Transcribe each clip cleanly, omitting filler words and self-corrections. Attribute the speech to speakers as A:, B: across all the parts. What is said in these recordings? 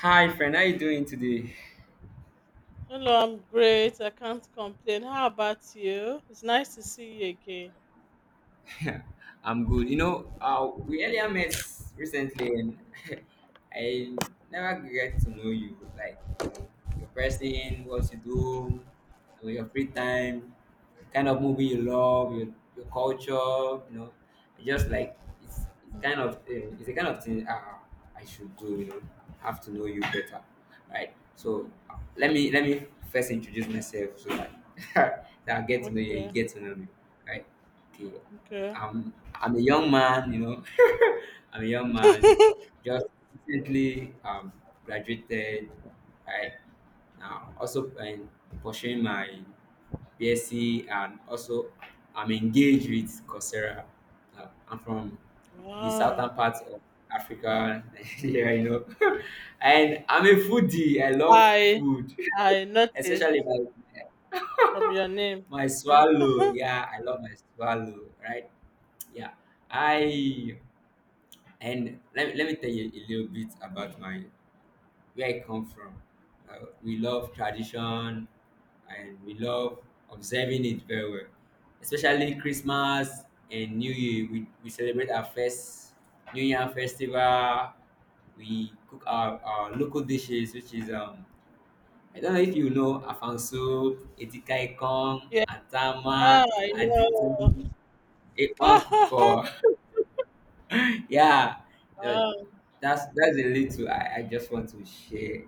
A: Hi, friend. How you doing today?
B: Hello, I'm great. I can't complain. How about you? It's nice to see you again.
A: Yeah, I'm good. We earlier met recently, and I never get to know you. Like, you know, your person, what you do, your free time, kind of movie you love, your culture. I just like it's kind of it's a kind of thing I should do. Have to know you better, right? So let me first introduce myself so that, that I get to know you. You
B: Okay,
A: get to know me, right? Okay,
B: okay.
A: I'm a young man, you know. I'm a young man, just recently graduated. Right now, also pursuing my BSc, and also I'm engaged with Coursera. I'm from the southern
B: Wow.
A: part of Africa, Nigeria, and I'm a foodie. I love
B: I
A: food,
B: I noticed
A: especially my
B: from your name.
A: my swallow.
B: Okay.
A: Yeah, I love my swallow. Right? Yeah, I And let me tell you a little bit about my where I come from. We love tradition and we love observing it very well, especially Christmas and New Year. We celebrate our first New Year festival. We cook our local dishes, which is I don't know if you know afanso, etikaikong,
B: yeah,
A: atama,
B: ah, I know.
A: aditan, ekwan kuko. Yeah. uh,
B: wow.
A: that's a little I just want to share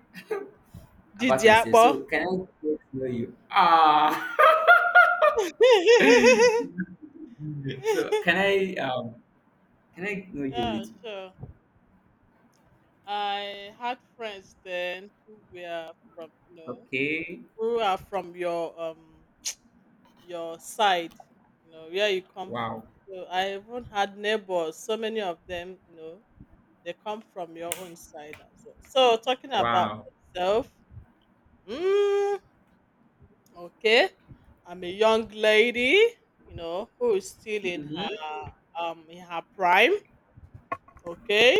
A: about
B: Didi
A: myself,
B: Akpo.
A: so can I get to know you? Ah, so can I know you a
B: yeah,
A: little?
B: sure. I had friends then who were from
A: Okay.
B: who are from your side, you know, where you come from.
A: Wow.
B: So I even had neighbors, so many of them, you know, they come from your own side as well. So talking about
A: Wow.
B: myself, mm, okay, I'm a young lady, you know, who is still
A: Hmm.
B: in her prime. Okay,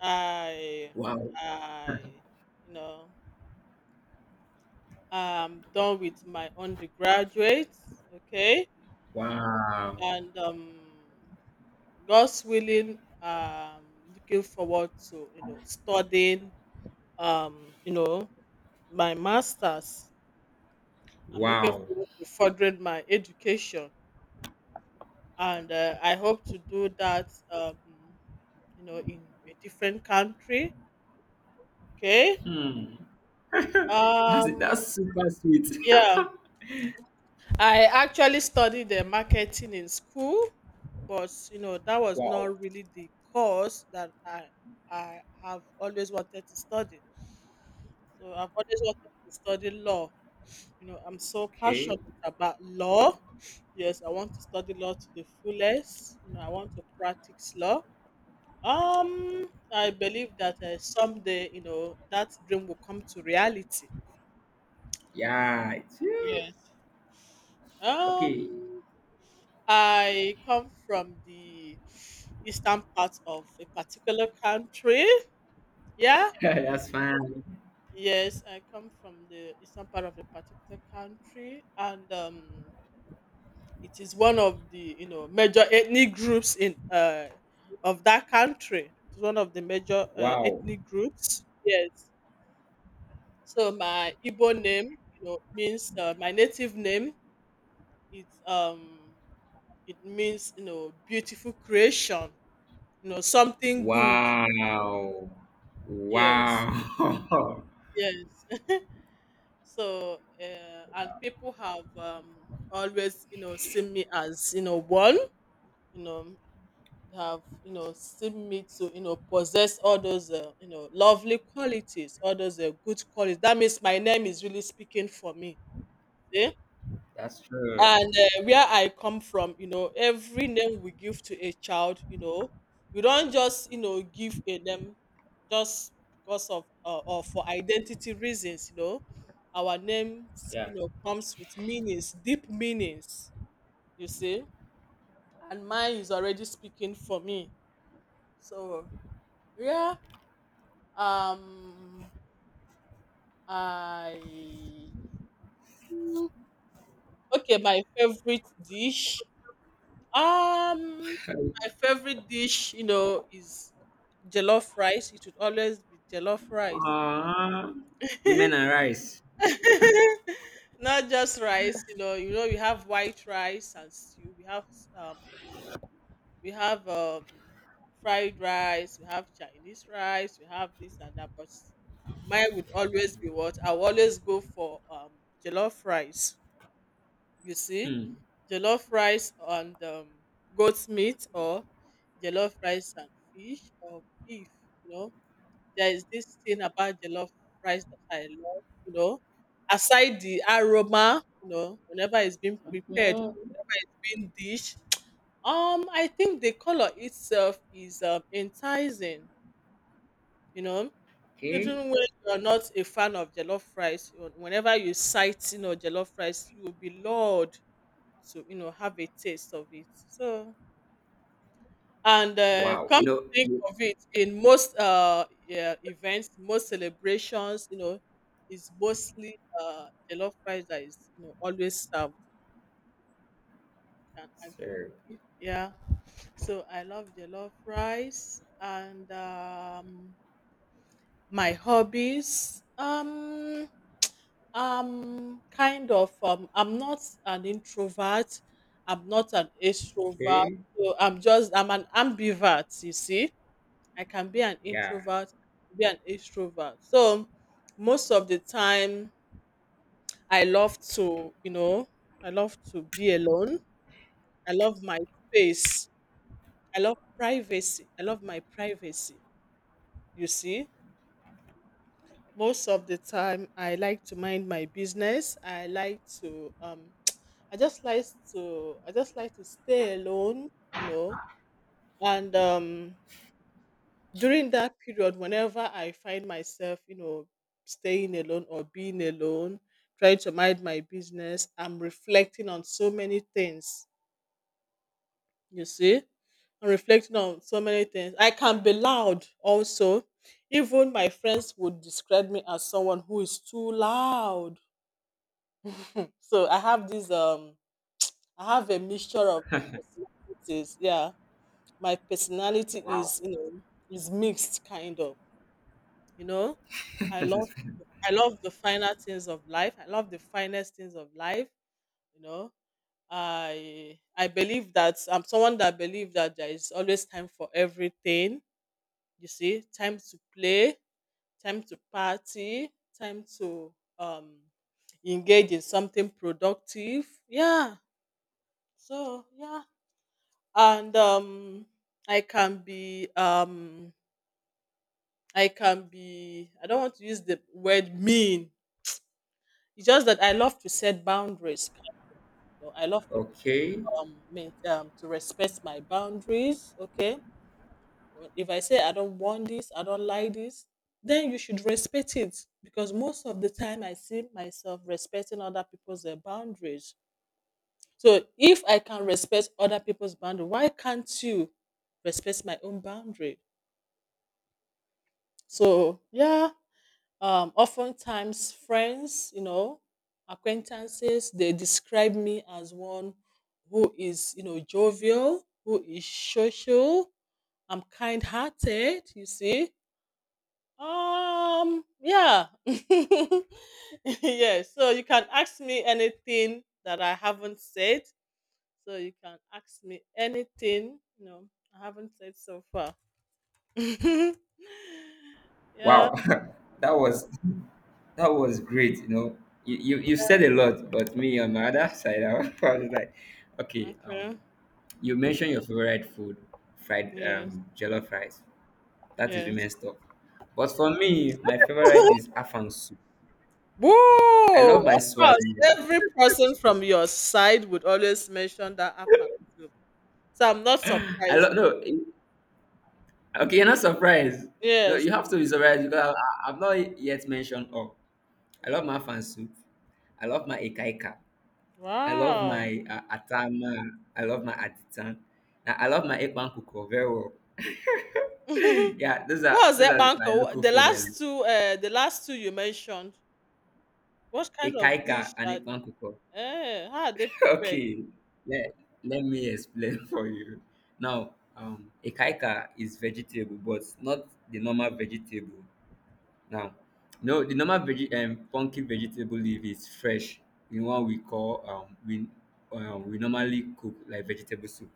B: I
A: Wow.
B: I you know I'm done with my undergraduate. Okay,
A: Wow.
B: and God's willing, looking forward to studying, um, you know, my masters. I'm looking
A: Wow.
B: forward to furthering my education, and I hope to do that, in a different country. Okay.
A: Hmm. that's
B: Um.
A: that's super sweet.
B: Yeah. I actually studied the marketing in school, but you know that was
A: Wow.
B: not really the course that I have always wanted to study. So I've always wanted to study law. You know, I'm so
A: Okay.
B: passionate about law. Yes, I want to study law to the fullest. You know, I want to practice law. Um, I believe that someday, you know, that dream will come to reality.
A: Yeah.
B: Yes.
A: Okay.
B: Um, I come from the eastern part of a particular country. Yeah.
A: That's fine.
B: Yes, I come from the eastern part of a particular country, and it is one of the you know major ethnic groups in of that country. It's one of the major
A: Wow.
B: ethnic groups. Yes. So my Igbo name, you know, means my native name. It's it means you know beautiful creation. You know something good.
A: Wow.
B: Yes,
A: Wow.
B: yes. so, and people have always, you know, seen me as, you know, one, you know, have, you know, seen me to, you know, possess all those, you know, lovely qualities, all those good qualities. That means my name is really speaking for me.
A: That's true.
B: And where I come from you know every name we give to a child you know we don't just you know give a name just because of or for identity reasons you know our names
A: Yeah.
B: you know comes with meanings deep meanings you see and mine is already speaking for me so yeah um I okay my favorite dish. Um, my favorite dish, you know, is jollof rice. It would always be jollof rice.
A: Uh, women and rice.
B: Not just rice, you know. You know, we have white rice and stew. Um, we have fried rice. We have Chinese rice. We have this and that. But mine would always be what I always go for jollof rice. You see
A: Hmm.
B: jollof rice and goat meat or jollof rice and fish or beef you know there is this thing about jollof rice that I love you know aside the aroma you know whenever it's being prepared
A: Mm.
B: being dish I think the color itself is enticing you know
A: Okay.
B: even when you're not a fan of jollof rice you whenever you sight you know jollof rice you will be lured to you know have a taste of it. So and
A: Wow. You
B: come
A: know,
B: to think
A: you
B: of it, in most yeah, events, most celebrations, you know, is mostly jollof rice that is you know always served. And I go with-
A: sir.
B: it. Yeah, so I love jollof rice and my hobbies. Um, kind of. I'm not an introvert. I'm not an extrovert.
A: Okay.
B: So I'm just, I'm an ambivert. You see, I can be an
A: Yeah.
B: introvert, be an extrovert. So most of the time, I love to you know I love to be alone. I love my space. I love privacy. I love my privacy. You see, most of the time, I like to mind my business. I like to I just like I just like to stay alone, you know. And during that period, whenever I find myself, you know, staying alone or being alone, trying to mind my business, I'm reflecting on so many things. You see. I'm reflecting on so many things. I can be loud also. Even my friends would describe me as someone who is too loud. So I have this I have a mixture of personalities. Yeah. My personality
A: Wow.
B: is you know is mixed kind of, you know. I love I love the finer things of life. I love the finest things of life, you know. I believe that I'm someone that believe that there is always time for everything. You see, time to play, time to party, time to um engage in something productive. Yeah. So yeah, and I can be um, I can be I don't want to use the word mean, it's just that I love to set boundaries you know. I love people
A: Okay.
B: um, to respect my boundaries okay. Well, if I say I don't want this I don't like this then you should respect it, because most of the time I see myself respecting other people's boundaries, so if I can respect other people's boundary why can't you respect my own boundary. So yeah, oftentimes friends, you know, acquaintances, they describe me as one who is, you know, jovial, who is social. I'm kind-hearted. You see, yeah, yes. So you can ask me anything that I haven't said. So you can ask me anything, you know, I haven't said so far. yeah.
A: Wow. that was that was great. You know, you said a lot, but me on my other side, I was probably like, okay.
B: Okay.
A: You mentioned your favorite food, fried
B: Yes.
A: jollof rice. That is
B: Yes.
A: women's stuff. But for me, my favorite is afang soup. I love
B: Whoa!
A: my
B: Of
A: swallow.
B: course, every person from your side would always mention that Afang soup. So I'm not
A: I
B: surprised.
A: love no. Okay, you're not surprised. No,
B: Yes.
A: you have to be surprised because I've not yet mentioned all. I love my afang soup. I love my ekaika. I love
B: Wow.
A: my atama. I love my aditan. I love my ekpan kuko very well. Yeah, those
B: what
A: are
B: was
A: those
B: that,
A: are my
B: Banco?
A: local food. I love.
B: The last two you mentioned. What kind of
A: Ekaika
B: dish?
A: and
B: Are,
A: ekpan kuko.
B: eh, how are they prepared?
A: Okay, let, let me explain for you. Now, ekaika is vegetable, but not the normal vegetable. Now, no, the normal veg funky vegetable leaf is fresh. The one we call we normally cook like vegetable soup.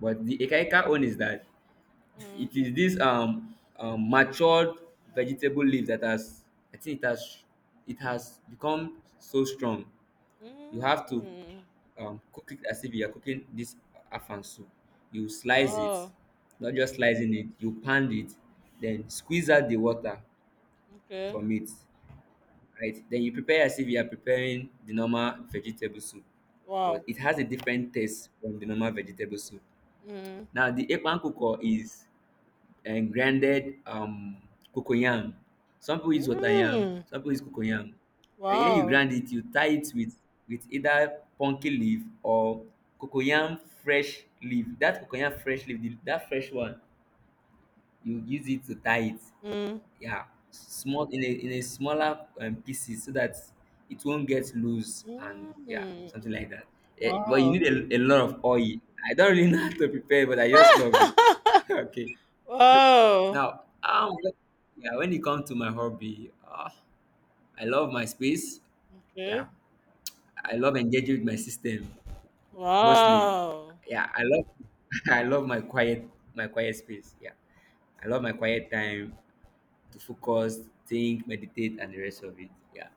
A: But the ekaika one is that
B: Mm.
A: it is this matured vegetable leaf that has, I think, it has become so strong. You have to
B: Mm.
A: cook it as if you are cooking this afan soup. You slice it,
B: Oh.
A: not just slicing it, you pound it, then squeeze out the water
B: Okay.
A: from it, right? Then you prepare as if you are preparing the normal vegetable soup, but
B: Wow.
A: it has a different taste from the normal vegetable soup.
B: Mm.
A: Now, the Ekpan Kuko is and grinded cocoyam. Some people use water yam,
B: Mm.
A: some people use cocoyam. And when you
B: Wow.
A: grind it, you tie it with either pumpkin leaf or cocoyam fresh leaf. That cocoyam fresh leaf, that fresh one, you use it to tie it.
B: Mm.
A: Yeah, small in a smaller pieces so that it won't get loose, and yeah,
B: Mm.
A: something like that. But you
B: Wow.
A: need a lot of oil. I don't really know how to prepare, but I just love it. Okay.
B: Wow!
A: Now, yeah, when it comes to my hobby, I love my space. Yeah,
B: Okay.
A: I love engaging with my system mostly.
B: Wow!
A: Yeah, I love, I love my quiet space. Yeah, I love my quiet time to focus, think, meditate, and the rest of it. Yeah.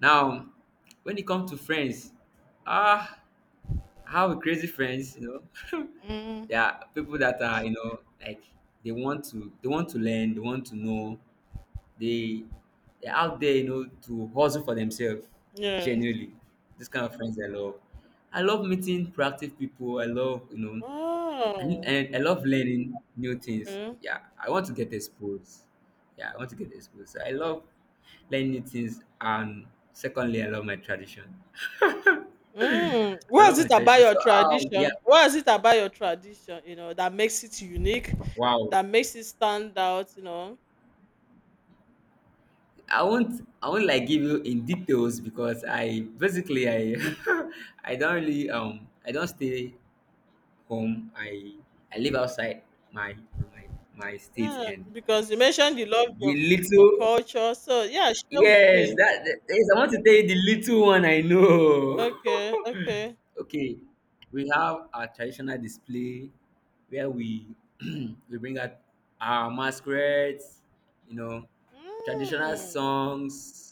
A: Now, when it comes to friends, ah, I have crazy friends. You know,
B: Mm.
A: there are people that are like they want to learn, they want to know. They they're out there, you know, to hustle for themselves.
B: Yes.
A: Genuinely, this kind of friends I love. I love meeting proactive people. I love, you know, and,
B: Wow!
A: and I love learning new things.
B: Okay.
A: Yeah, I want to get exposed. Yeah, I want to get exposed. So I love learning new things, and secondly, I love my tradition.
B: Mm.
A: I
B: What
A: love
B: is
A: my
B: it about
A: tradition. So
B: your
A: yeah,
B: tradition? What is it about your tradition, you know, that makes it unique,
A: wow,
B: that makes it stand out, you know?
A: I won't like give you in details because I basically, I I don't really I don't stay home. I live outside my, you know, my state
B: Yeah,
A: and
B: because you mentioned you love
A: the
B: your
A: little
B: culture. So, yeah, share with
A: yes
B: me.
A: yes I want to tell you the little one I know.
B: Okay, okay.
A: Okay, we have our traditional display where we we bring out our masquerades, you know, traditional
B: Mm.
A: songs.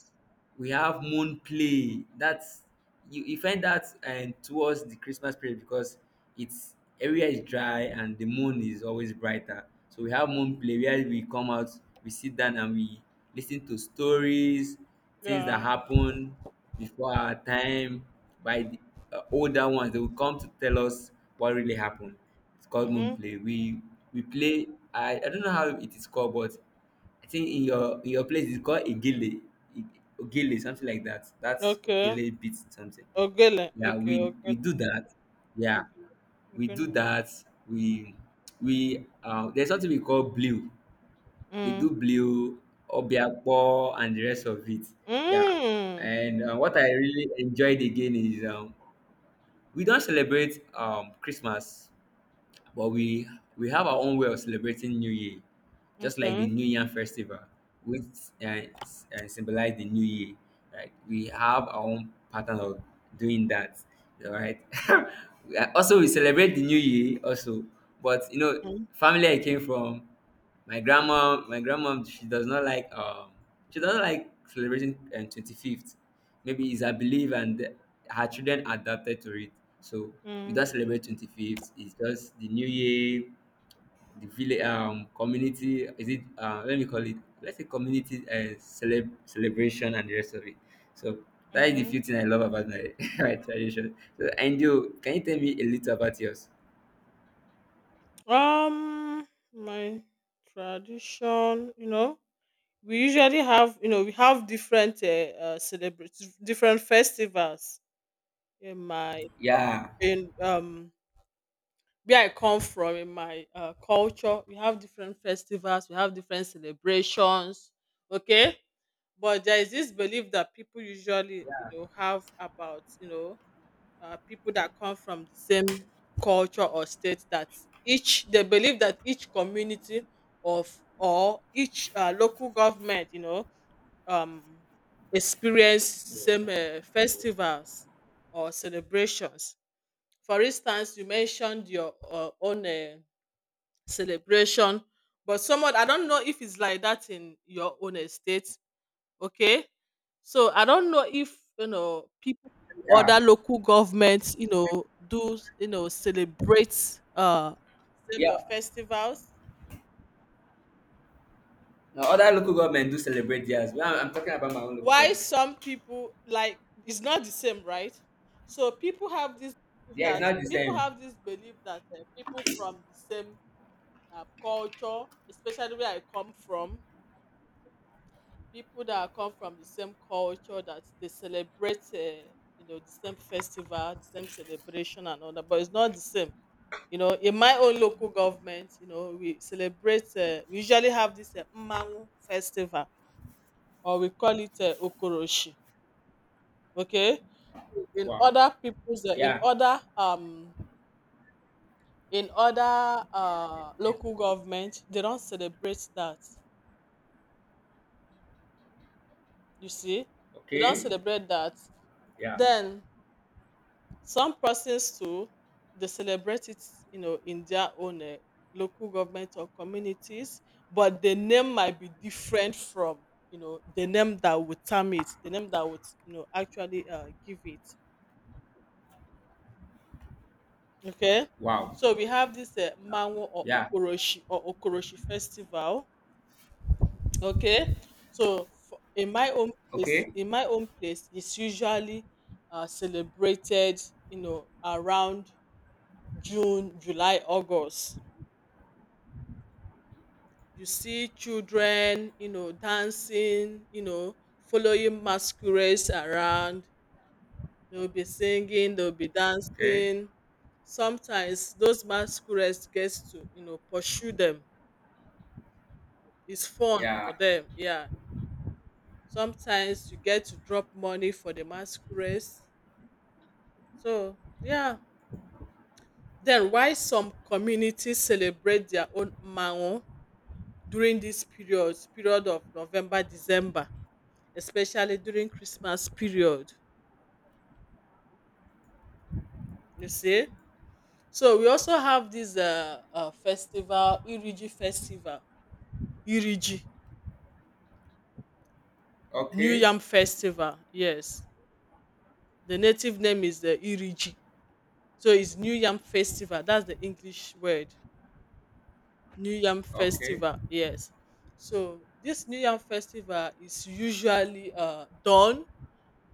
A: We have moon play. That's, you find that towards the Christmas period, because it's area is dry and the moon is always brighter. So we have moon play where we come out, we sit down, and we listen to stories, things that
B: Yeah.
A: happen before our time by the older ones. They will come to tell us what really happened. It's called moon
B: Mm-hmm.
A: play. We play. I don't know how it is called, but I think in your place it's called igile ogele, something like that. That's
B: Okay.
A: ogele beat something.
B: Ogele.
A: Yeah,
B: Okay,
A: we
B: okay.
A: we do that. Yeah,
B: Okay.
A: we do
B: Okay.
A: that. We we there's something we call blue. They
B: Mm.
A: do blue, obiakpo, and the rest of it. Yeah,
B: Mm.
A: and what I really enjoyed again is we don't celebrate Christmas, but we have our own way of celebrating New Year, just like the
B: Okay.
A: New Year festival, which symbolize the New Year. Like we have our own pattern of doing that, all right? Also, we celebrate the New Year also, but you know,
B: Mm,
A: family I came from, she does not like she doesn't like celebrating 25th. Maybe it's a belief, and her children adapted to it. So we
B: mm,
A: don't celebrate 25th. It's just the New Year. The village community is it, let me call it, let's say, community celebration and the rest of it. So that is the
B: mhm.
A: few thing I love about my, my tradition. So angel, can you tell me a little about yours?
B: Um, my tradition, you know, we usually have, you know, we have different celebrities, different festivals in my
A: Yeah.
B: in where I come from in my culture. We have different festivals, we have different celebrations. Okay, but there is this belief that people usually, you know, have about, you know, people that come from the same culture or state that each they believe that each community of or each local government you know um experience same festivals or celebrations. For instance you mentioned your own celebration, but somewhat I don't know if it's like that in your own estate. Okay. So I don't know if you know people from
A: Yeah.
B: other local governments, you know, do you know celebrate same,
A: Yeah.
B: festivals.
A: Now other local government do celebrate theirs. Well, I'm talking about my own local
B: Why
A: government.
B: some people like it's not the same, right? So people have this belief
A: Yeah, it's
B: that
A: not the same.
B: people from the same culture, especially where I come from, people that are come from the same culture that they celebrate, you know, the same festival, the same celebration, and all that, but it's not the same. You know, in my own local government, you know, we celebrate, we usually have this Mmanwu festival, or we call it Okoroshi. Okay, in
A: Wow.
B: other people's,
A: Yeah.
B: in other local government, they don't celebrate that. You see, they don't
A: Okay.
B: celebrate that.
A: Yeah.
B: Then some persons too, they celebrate it, you know, in their own local government or communities, but the name might be different from, you know, the name that would term it, the name that would, you know, actually give it. Okay.
A: Wow.
B: So we have this Manwo or
A: Yeah.
B: Okoroshi festival. Okay. So for, in my own place,
A: Okay.
B: it's usually celebrated, you know, around June, July, August. You see children you know dancing you know following masquerades around, they'll be singing they'll be
A: Okay.
B: dancing, sometimes those masquerades gets to you know pursue them, it's fun
A: Yeah.
B: for them yeah. Sometimes you get to drop money for the masquerades. So yeah, then why some communities celebrate their own mango during this period of November December, especially during Christmas period, you see. So we also have this festival, Iriji Festival, Iriji, New
A: Okay.
B: Yam Festival. Yes, the native name is the Iriji. So it's New Yam Festival. That's the English word, New Yam
A: Okay.
B: Festival. Yes. So this New Yam Festival is usually done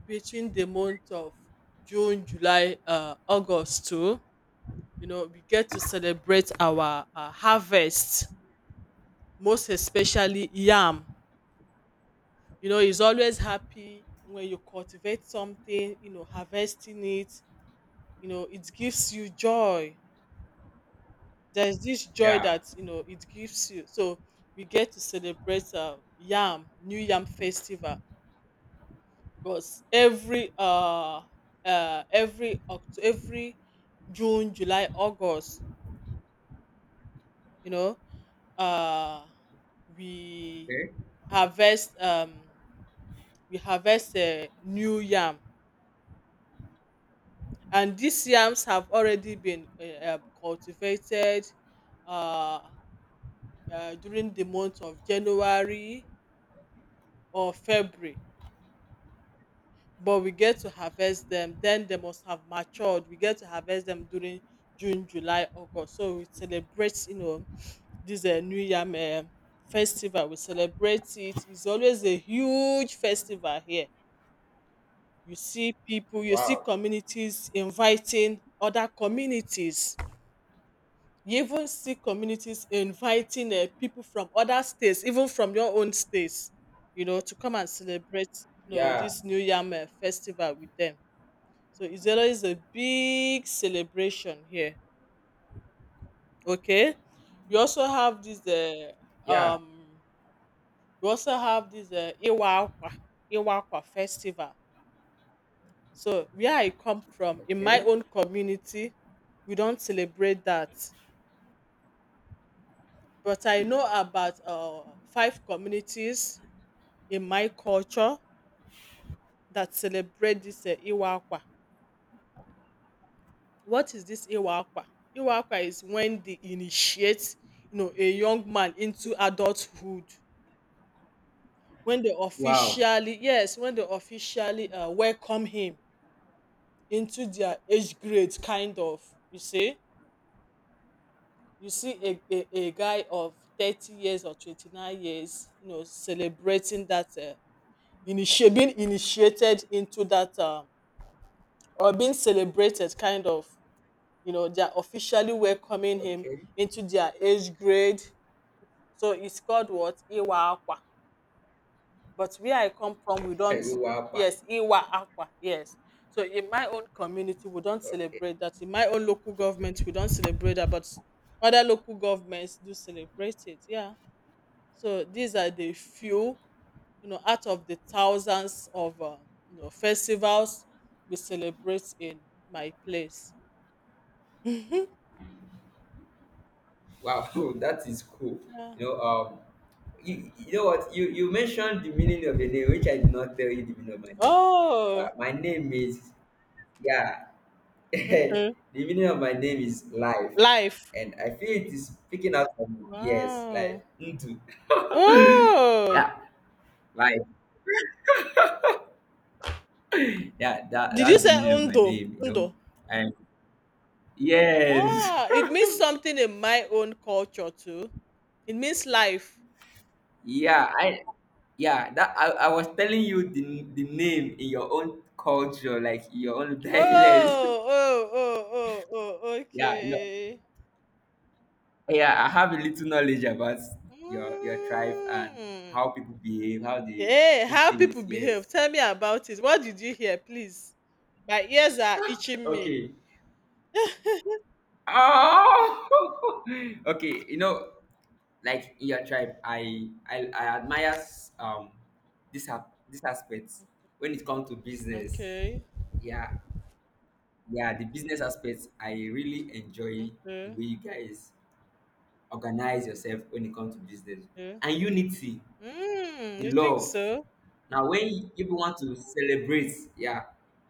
B: between the month of June, July, August too. You know, we get to celebrate our harvest, most especially yam. You know, he's always happy when you cultivate something, you know, harvesting it, you know, it gives you joy. There's this joy
A: Yeah.
B: that, you know, it gives you. So we get to celebrate yam, new yam festival, because every every june july august, you know, uh we
A: Okay.
B: harvest um, we harvest new yam. And these yams have already been cultivated um during the month of January or February. But we get to harvest them, then they must have matured, we get to harvest them during June, July, August. So we celebrate, you know, this new yam festival, we celebrate it. It's always a huge festival here. You see people, you see
A: Wow.
B: communities inviting other communities. You even see communities inviting people from other states, even from your own states, you know, to come and celebrate, you know,
A: Yeah.
B: this New Yam festival with them. So it's always a big celebration here. Okay, we also have this.
A: Yeah.
B: Um, we also have this Iwa Akwa, Iwa Akwa festival. So where I come from, in my
A: Okay.
B: own community, we don't celebrate that. But I know about five communities in my culture that celebrate this Iwakwa. What is this Iwakwa? Iwakwa is when they initiate, you know, a young man into adulthood. When they
A: Wow.
B: officially, yes, when they officially welcome him into their age grade, kind of. You see, you see a, a, guy of 30 years or 29 years, you know, celebrating that, being initiated into that, or being celebrated, kind of, you know, they're officially welcoming him
A: Okay.
B: into their age grade. So it's called what? Iwa akwa. But where I come from, we don't.
A: Wow. Wow.
B: Yes, Iwa akwa, yes. So in my own community we don't
A: Okay.
B: celebrate that, in my own local government we don't celebrate that, but other local governments do celebrate it, yeah. So these are the few, you know, out of the thousands of you know, festivals we celebrate in my place. Mhm.
A: Wow. That is cool.
B: Yeah.
A: You know, you, you know what? You mentioned the meaning of your name, which I did not tell you the meaning of my name.
B: Oh,
A: But my name is yeah. The
B: okay.
A: meaning of my name is life,
B: Life.
A: and I feel it is picking out from, yes, life
B: Wow.
A: into
B: Oh,
A: yeah, life. Yeah, that
B: did you
A: that's the
B: say
A: meaning of my
B: undo?
A: name. You know,
B: Undo.
A: and yes.
B: Ah, it means something in my own culture too. It means life.
A: Yeah, that I was telling you the name in your own culture, like your own dialect.
B: Oh, oh, oh, oh, oh.
A: Yeah, you know,
B: Okay.
A: yeah, I have a little knowledge about your tribe and
B: Mm.
A: how people behave, how they
B: Hey,
A: do
B: how
A: things.
B: people behave.
A: Yes.
B: Tell me about it. What did you hear, please? My ears are itching me.
A: Okay. Oh. Okay. You know, like in your tribe, I admire um this aspect when it comes to business.
B: Okay.
A: Yeah, yeah, the business aspect I really enjoy the
B: Okay.
A: way you guys organize yourself when it comes to business
B: Okay.
A: and unity,
B: Mm,
A: the
B: you think
A: love.
B: so?
A: Now when people want to celebrate, yeah,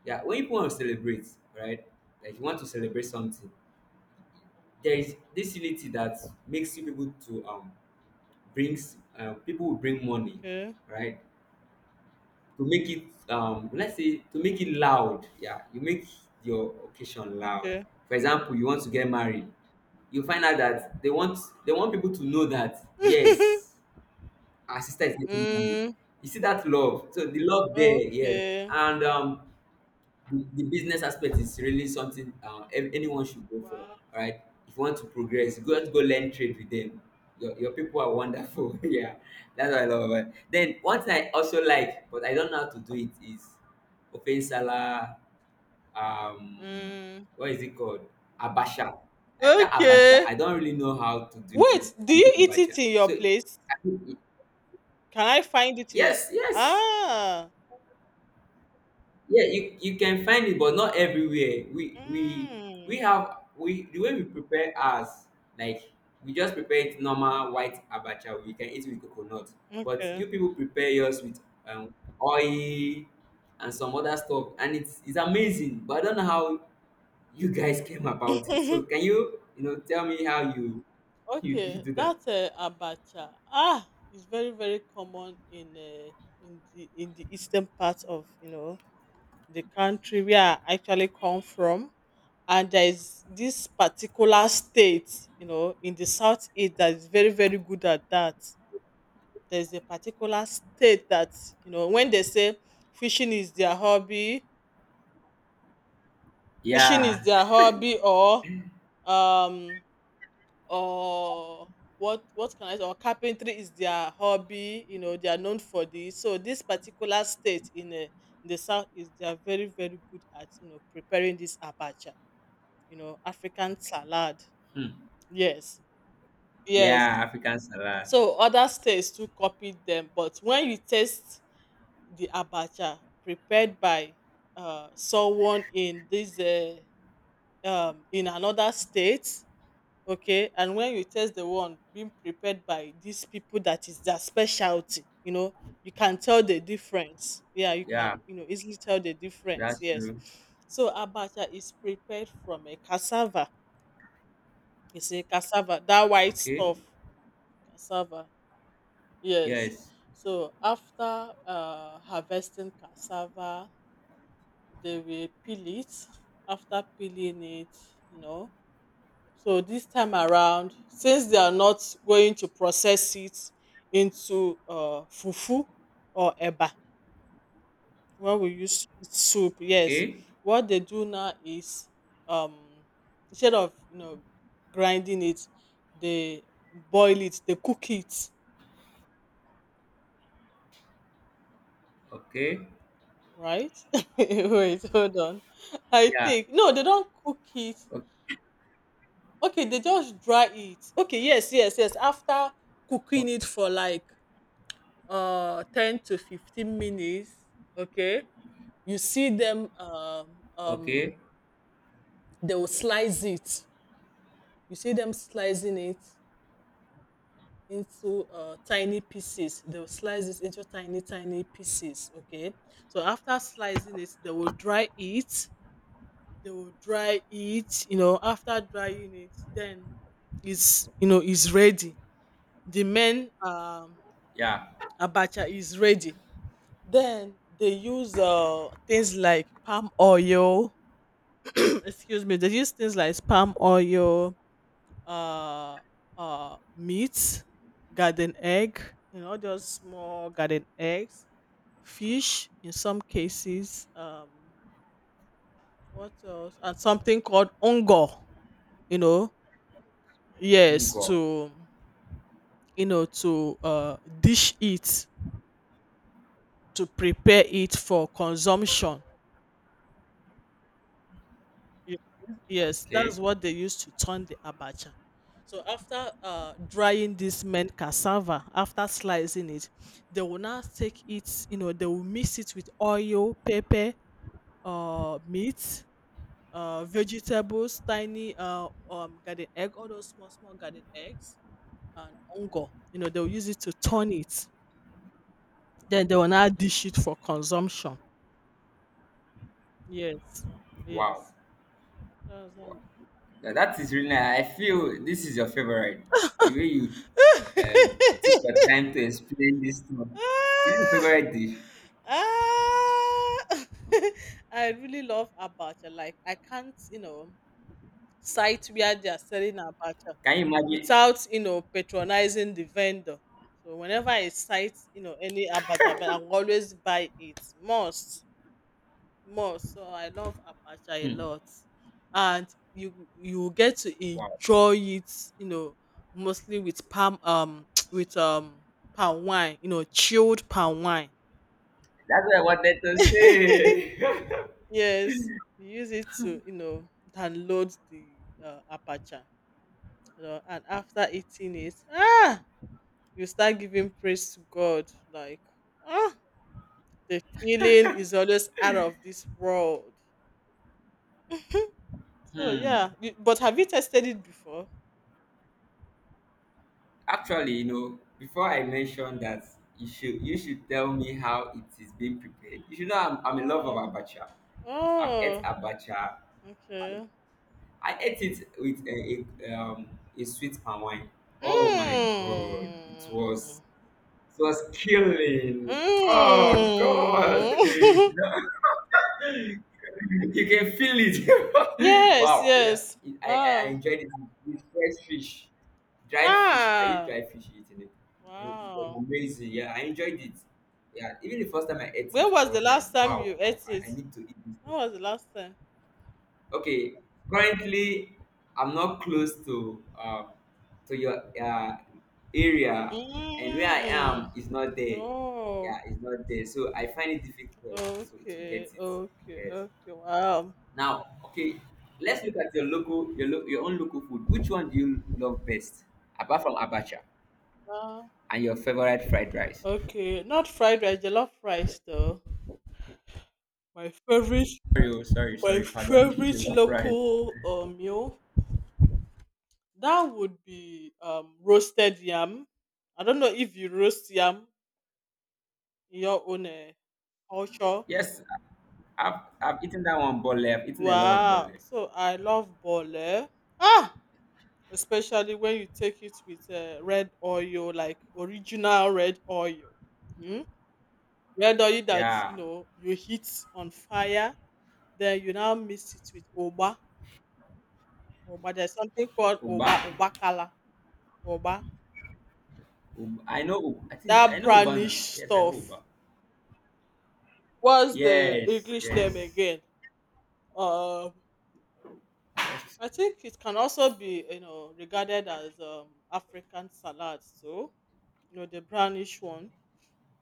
A: yeah, when people want to celebrate, right? Like you want to celebrate something, there is this unity that makes you people to brings, people will bring money,
B: Okay.
A: right? To make it, let's say, to make it loud. Yeah, you make your occasion loud.
B: Okay.
A: For example, you want to get married, you find out that they want people to know that yes, our sister is getting married.
B: Mm,
A: You see that love? So the love there, yeah.
B: okay.
A: And the business aspect is really something, anyone should go for.
B: Wow.
A: All right, if you want to progress, go learn trade with them. Your people are wonderful. Yeah, that's what I love about it. Then one thing I also like, but I don't know how to do it is Opensala. Um,
B: Mm,
A: what is it called? Abacha. Like that abacha.
B: okay.
A: I don't really know how to do it.
B: Wait, do
A: I'm
B: you eat
A: abacha.
B: it in your place?
A: I-
B: Can I find it in your—
A: yes, yes.
B: Ah.
A: Yeah, you can find it, but not everywhere. We
B: Mm,
A: have, we the way we prepare ours, like, we just prepare it normal white abacha. We can eat with coconut, but you
B: okay.
A: people prepare yours with um, oil and some other stuff, and it's amazing. But I don't know how you guys came about it, so can you you know tell me how you you
B: Okay,
A: do that.
B: that abacha, ah, is very very common in the eastern part of, you know, the country where I actually come from. And there is this particular state, you know, in the southeast that is very very good at that. There is a particular state that, you know, when they say fishing is their hobby, fishing is
A: Yeah.
B: their hobby, or um or what can I say? Or carpentry is their hobby. You know, they are known for this. So this particular state in the south, is— they are very very good at, you know, preparing this abacha. You know, African salad.
A: Hmm.
B: Yes, yes.
A: Yeah, African salad.
B: So other states too copied them, but when you taste the abacha prepared by someone in this in another state, okay, and when you test the one being prepared by these people, that is their specialty, you know, you can tell the difference, yeah, you can,
A: Yeah,
B: you know, easily tell the difference,
A: that's
B: yes.
A: true.
B: So abacha is prepared from a cassava. You see cassava, that white
A: Okay.
B: stuff. Cassava, yes.
A: Yes.
B: So after harvesting cassava, they will peel it. After peeling it, you know, so this time around, since they are not going to process it into fufu or eba, when we use soup, yes,
A: Okay.
B: what they do now is, um, instead of, you know, grinding it, they boil it, they cook it,
A: Okay.
B: right? Wait, hold on. I
A: Yeah.
B: think no, they don't cook it.
A: O-
B: Okay, they just dry it. Okay, yes, yes, yes. After
A: o-
B: cooking it for like 10 to 15 minutes, okay, you see them
A: Okay.
B: they will slice it. You see them slicing it into tiny pieces, they will slice it into tiny tiny pieces, okay. So after slicing it, they will dry it, they will dry it, you know. After drying it, then it's, you know, is ready. The main
A: Yeah.
B: abacha is ready. Then they use things like palm oil. Excuse me. They use things like palm oil, uh, meat, garden egg. You know, just small garden eggs, fish in some cases. What else? And something called ongo. You know, yes,
A: Ngo.
B: to, you know, to dish it, to prepare it for consumption. Yes, yes,
A: Okay.
B: that's what they used to turn the abacha. So after drying this mint cassava, after slicing it, they will now take it. You know, they will mix it with oil, pepper, meat, vegetables, tiny garden egg, all those small small garden eggs, and ongo. You know, they'll use it to turn it. Then they will now dish it for consumption. Yes,
A: Wow.
B: yes. That's
A: Wow. Now that is really nice. I feel this is your favorite.
B: how—
A: The way you took your time to explain this to me. This is your
B: Ah,
A: favorite dish.
B: ah. I really love abacha. Like, I can't, you know, site where they are selling abacha
A: Can you imagine?
B: without, you know, patronizing the vendor. So whenever I sight, you know, any abacha, I will always buy it. Must, must. So I love abacha a
A: Hmm.
B: lot, and you will get to
A: Wow.
B: enjoy it, you know, mostly with palm, with palm wine, you know, chilled palm wine.
A: That's what I wanted to say.
B: Yes, you use it to, you know, download the apacha, you know, and after eating it, ah, you start giving praise to God. Like, ah, the feeling is always out of this world. So
A: Hmm.
B: yeah, you— but have you tested it before?
A: Actually, before I mention that, you should tell me how it is being prepared. You should know I'm in love of
B: Oh,
A: abacha. I've ate
B: oh,
A: abacha.
B: okay.
A: I ate it with a sweet palm wine. Oh my god, it
B: Mm.
A: was it was killing. Oh god, you
B: Mm.
A: can feel it.
B: Yes,
A: Wow, yeah,
B: yes.
A: it, I
B: Wow.
A: enjoyed it with fresh fish, dried fish. I used
B: Ah.
A: dried fish eating it, and it was
B: Wow.
A: amazing. Yeah, I enjoyed it. Yeah, even the first time I ate it,
B: When
A: I
B: was the
A: was like,
B: last time
A: wow,
B: you ate
A: I, I
B: it?
A: I need to eat this
B: When
A: thing.
B: was the last time?
A: Okay, currently I'm not close to your area, and where I
B: Mm.
A: am is not there.
B: Oh,
A: Yeah, it's not there. So I find it difficult to get
B: okay,
A: it.
B: okay,
A: Yes.
B: okay. Wow.
A: Now, okay, let's look at your own local food. Which one do you love best, apart from abacha,
B: Ah,
A: and your favorite fried rice?
B: okay, not fried rice, jollof rice though. My favorite,
A: Sorry, oh, sorry,
B: my
A: sorry. Pardon me.
B: favorite
A: Jollof rice.
B: local meal, that would be roasted yam. I don't know if you roast yam in your own culture.
A: Yes, I've eaten that one bole. I've eaten a lot of bole.
B: Wow. So I love bole. Ah, especially when you take it with red oil, like original red oil. Mm? Red oil that, you
A: Yeah.
B: know, you heat on fire, then you now mix it with oba. Oba, there's something called
A: Uba.
B: oba, oba kala, oba.
A: I know. I think I
B: That
A: know Uba
B: brownish
A: now. Yes, I know
B: stuff.
A: Uba.
B: What's the
A: Yes,
B: English name
A: yes.
B: again? Um,
A: That's
B: I think it can also be, you know, regarded as African salad. So, you know, the brownish one.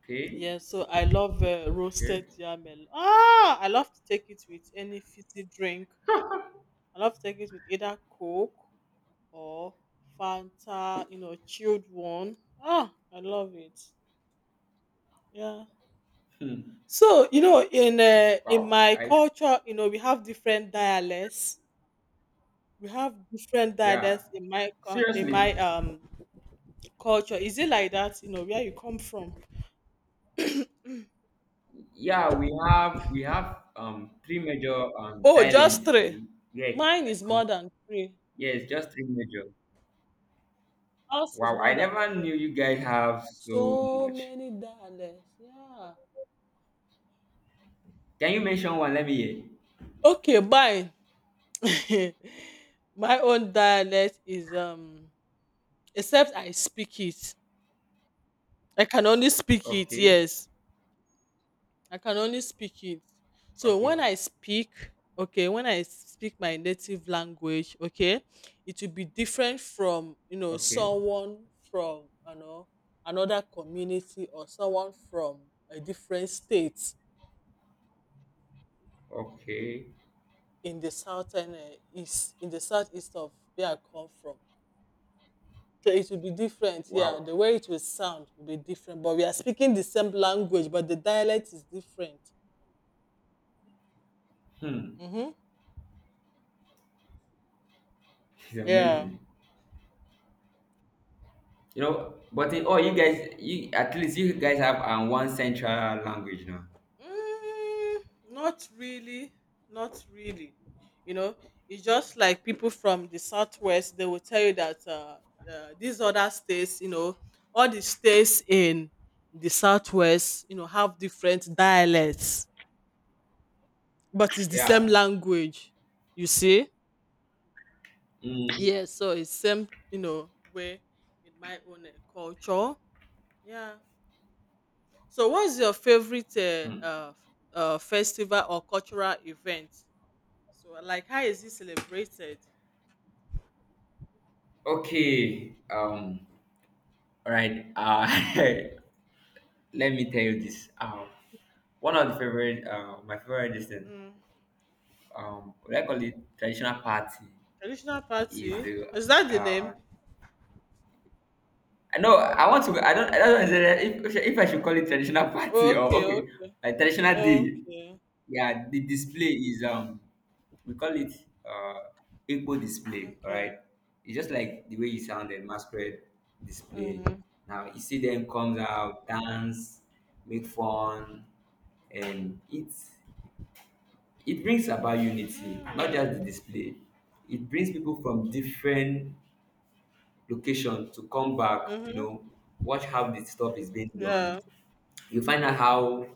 A: okay.
B: Yeah, so I love
A: Okay.
B: roasted yam. Ah, I love to take it with any fizzy drink. I love to take it with either Coke or Fanta, you know, chilled one. Ah, I love it. Yeah.
A: Hmm.
B: So you know, in
A: Wow.
B: my
A: I
B: culture, you know, we have different dialects. We have different
A: Yeah.
B: dialects in my coun- in
A: Seriously.
B: my um culture. Is it like that, you know, where you come from?
A: Yeah, we have three major
B: Oh,
A: dialects.
B: just three.
A: Yeah,
B: Mine
A: I
B: is
A: come.
B: more than three.
A: Yes, just three major.
B: Us is
A: Wow, I
B: more than
A: never knew
B: three.
A: you guys have so
B: So
A: much.
B: many dialects. Yeah.
A: Can you mention one? Let me hear.
B: Okay, mine. My own dialect is um, except I speak it. I can only speak it,
A: Okay,
B: yes. I can only speak it. So when
A: okay,
B: I speak, okay, when I speak my native language, okay, it will be different from, you know,
A: okay,
B: someone from, you know, another community, or someone from a different state,
A: okay.
B: in the southern east in the southeast of where I come from. So it will be different, yeah.
A: Wow.
B: The way it will sound will be different, but we are speaking the same language, but the dialect is different.
A: Hmm.
B: Mm-hmm.
A: It's
B: Yeah.
A: amazing. But in all, you guys, you at least you guys have one central language now.
B: Mm, not really, not really. You know, it's just like people from the southwest. They will tell you that these other states, you know, all the states in the southwest, you know, have different dialects. But it's the same
A: Yeah.
B: language, you see?
A: Mm.
B: Yes, so it's same, you know, way in my own culture. Yeah. So what's your favorite
A: Mm.
B: festival or cultural event? So, like, how is it celebrated?
A: Okay. All right. Let me tell you this. One of the favorite, my favorite distance,
B: Mm,
A: what I call it traditional party,
B: traditional
A: is
B: party?
A: the,
B: Is that the name?
A: uh I know I want to. I don't. I don't know if I should call it traditional party, or
B: Okay,
A: okay,
B: okay,
A: a traditional day.
B: okay,
A: Yeah, the display is, we call it uh, Igbo display. All
B: okay.
A: right, it's just like the way you sounded, masquerade display.
B: Mm.
A: Now you see them comes out, dance, make fun, and it brings about unity, not just
B: Mm.
A: the display. It brings people from different location to come back,
B: Mm-hmm.
A: watch how the stuff is being
B: Yeah.
A: done. You find out how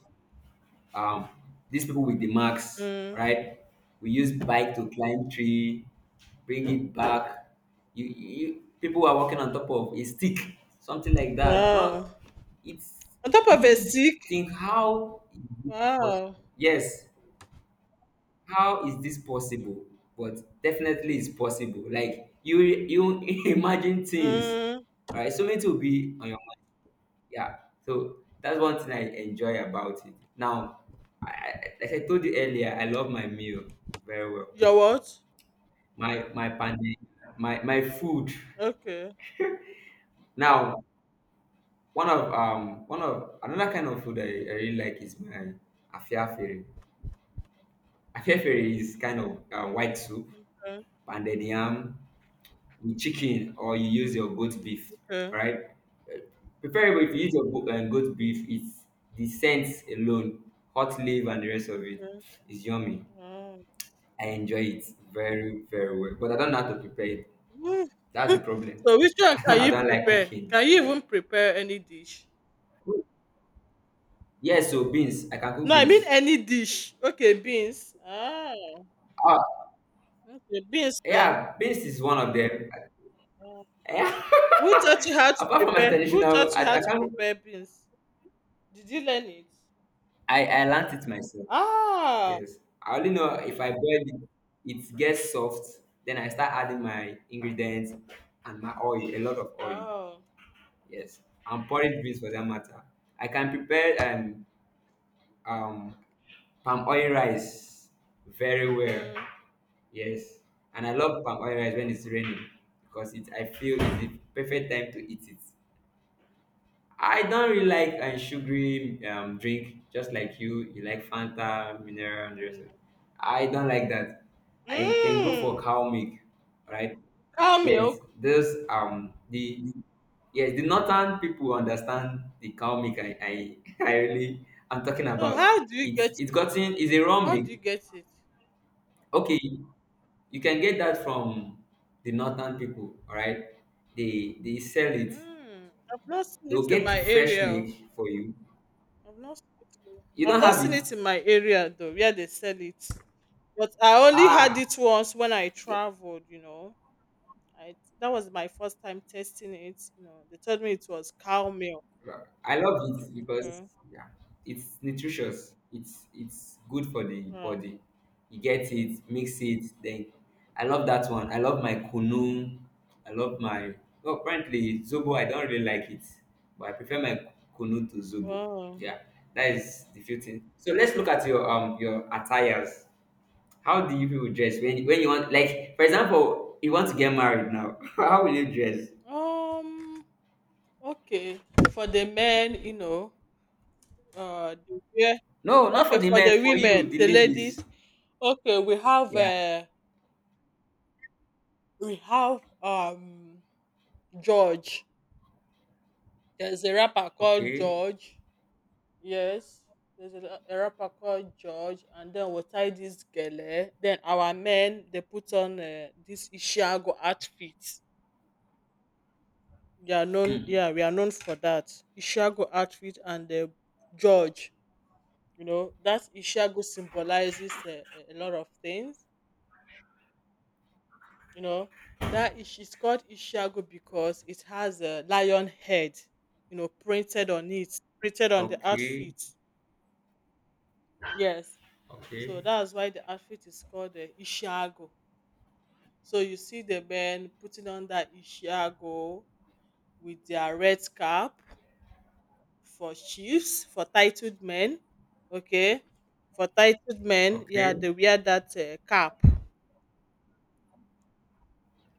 A: um, these people with the marks,
B: Mm.
A: right? We use bike to climb tree, bring it back. You people are walking on top of a stick, something like that.
B: Wow.
A: No, it's
B: On top
A: it
B: of
A: makes
B: a
A: you
B: stick.
A: think, how is this
B: Wow.
A: possible? Yes, how is this possible? But definitely it's possible. Like you imagine things.
B: Mm.
A: All right, so many things will be on your mind. Yeah. So that's one thing I enjoy about it. Now, I, I- as I told you earlier, I love my meal very well.
B: Your what?
A: My pande, my food.
B: Okay.
A: Now, one of another kind of food I really like is my afiafere. Afiafere is kind of white soup,
B: Okay.
A: pounded yam, chicken, or you use your goat beef,
B: Okay.
A: right? Uh, Preferably if you use your goat beef, it's the scent alone, hot leaf and the rest of it
B: Okay.
A: is yummy.
B: Wow.
A: I enjoy it very, very well. But I don't know how to prepare it.
B: Woo.
A: That's the problem.
B: So which one can
A: I
B: you
A: don't like
B: prepare?
A: cooking.
B: Can you
A: Right?
B: even prepare any dish?
A: Yeah, so beans. I can cook
B: No, I mean
A: beans.
B: any dish. Okay, beans. Ah.
A: Ah,
B: Okay, beans then.
A: yeah, beans is one of them.
B: Ah.
A: Yeah.
B: Who taught you how to
A: Apart from my
B: prepare? Who
A: traditional,
B: taught you
A: I,
B: how
A: I
B: to
A: can't.
B: prepare beans? Did you learn it?
A: I learned it myself.
B: Ah.
A: Yes. I only know if I boil it, it gets soft. Then I start adding my ingredients and my oil, a lot of oil.
B: Wow.
A: Yes. And porridge beans for that matter. I can prepare um, palm oil rice very well.
B: Mm.
A: Yes. And I love palm oil rice when it's raining because it I feel it's the perfect time to eat it. I don't really like sugary drink, just like you. You like Fanta, mineral, and the rest
B: Mm.
A: of it. I don't like that. I can go for
B: Mm.
A: cow milk, right?
B: Cow milk.
A: Yes, this, the, yes, the northern people understand the cow milk. I, I'm talking
B: So
A: about.
B: how do you
A: It's
B: get
A: it's
B: it?
A: gotten, it's a raw
B: How
A: milk.
B: do you get it?
A: Okay, you can get that from the northern people. All right, they sell it.
B: Mm, I've not seen
A: They'll
B: it in
A: get the
B: my
A: fresh
B: area. Oh.
A: milk for you.
B: I've not—
A: You
B: I've
A: don't
B: not
A: have
B: seen
A: it?
B: it in my area though, where they sell it. But I only
A: Ah,
B: had it once when I
A: you-
B: traveled. I that was my first time testing it. They told me it was cow milk.
A: I love it because,
B: Okay.
A: yeah, it's nutritious. It's good for the
B: Wow.
A: body. You get it, mix it. Then I love that one. I love my kunu. I love my. Well, apparently zobo. I don't really like it, but I prefer my kunu to zobo.
B: Wow.
A: Yeah, that is the few things. So let's look at your, your attires. How do you people dress when you want, like, for example, you want to get married now? How will you dress?
B: Um okay. For the men, you know, yeah.
A: No, not for
B: Okay,
A: the
B: for
A: men,
B: the
A: for you,
B: women,
A: the
B: the ladies.
A: ladies.
B: Okay, we have
A: Yeah.
B: uh we have George. There's a rapper called
A: Okay.
B: George. Yes. There's a rapper called George. And then we tie this gele. Then our men, they put on this Ishiago outfit. They are known, yeah, we are known for that. Ishiago outfit and George. You know, that Ishiago symbolizes a lot of things. You know, that it's called Ishiago because it has a lion head, you know, printed on it, printed on the
A: Okay.
B: outfit. Yes. So
A: Okay.
B: that's why the outfit is called the Ishiago. So you see the men putting on that Ishiago with their red cap for chiefs, for titled men. Okay. For titled men,
A: Okay.
B: yeah, they wear that cap.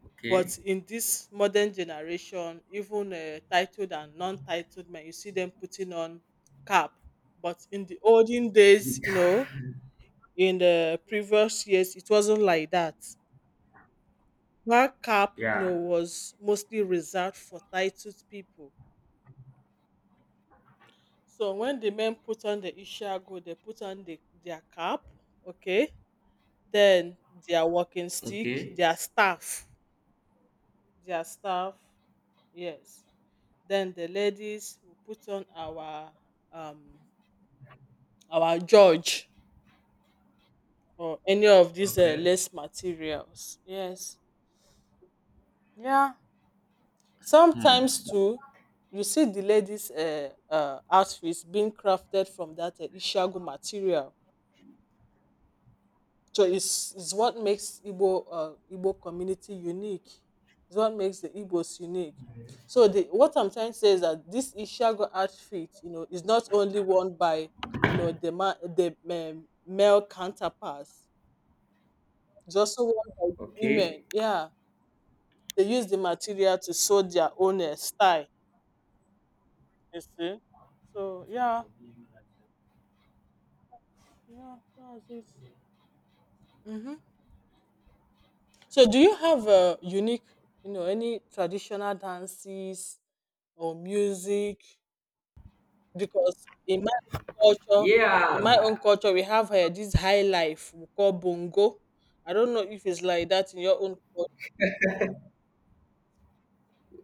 A: Okay.
B: But in this modern generation, even titled and non titled men, you see them putting on cap. But in the olden days, you know, in the previous years, it wasn't like that. Black cap, you know,
A: Yeah.
B: was mostly reserved for titled people. So when the men put on the ishago, they put on their cap, okay, then their walking stick,
A: Okay.
B: their staff, yes. Then the ladies will put on um our george or any of these
A: Okay.
B: lace materials. Yes. Yeah. Sometimes
A: Hmm.
B: too you see the ladies outfits being crafted from that ishagu material, so it's what makes igbo community unique. It's what makes the igbos unique. So the what I'm trying to say is that this ishagu outfit, you know, is not only worn by, you know, the male counterparts. It's also worn by the women,
A: Okay.
B: yeah. They use the material to sew their own style. You see? So yeah. Yeah, that's it. Mm-hmm. So, do you have a unique, you know, any traditional dances or music? Because own culture,
A: Yeah.
B: in my own culture, we have this high life we call bongo. I don't know if it's like that in your own culture.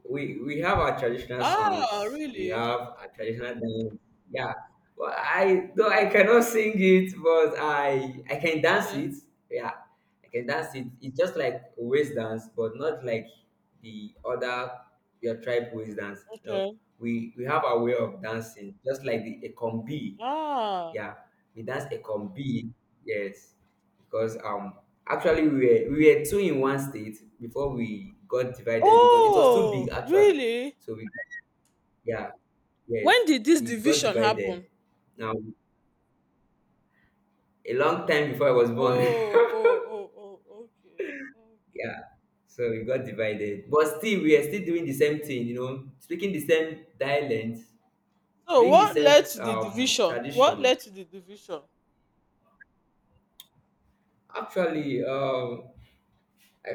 A: We have our traditional
B: Ah,
A: songs, we
B: really?
A: have our traditional dance. Yeah, well, I though I cannot sing it, but I can dance
B: Okay.
A: it. Yeah, I can dance it. It's just like waist dance, but not like the other, your tribe waist dance. No,
B: Okay.
A: we have our way of dancing, just like the ekombi.
B: Ah.
A: Yeah, we danced a combi. Yes, because, actually, we were two in one state before we got divided because it was too big,
B: Oh,
A: actually.
B: really?
A: So we, yeah,
B: When
A: yes,
B: did this
A: we got
B: division
A: divided.
B: happen?
A: Now, a long time before I was
B: Oh,
A: born.
B: oh, oh, oh, okay. Okay.
A: Yeah, so we got divided, but still we are still doing the same thing. Speaking the same dialect,
B: So
A: doing the
B: what led
A: same
B: to the division? What
A: tradition.
B: led to the division?
A: Actually, I,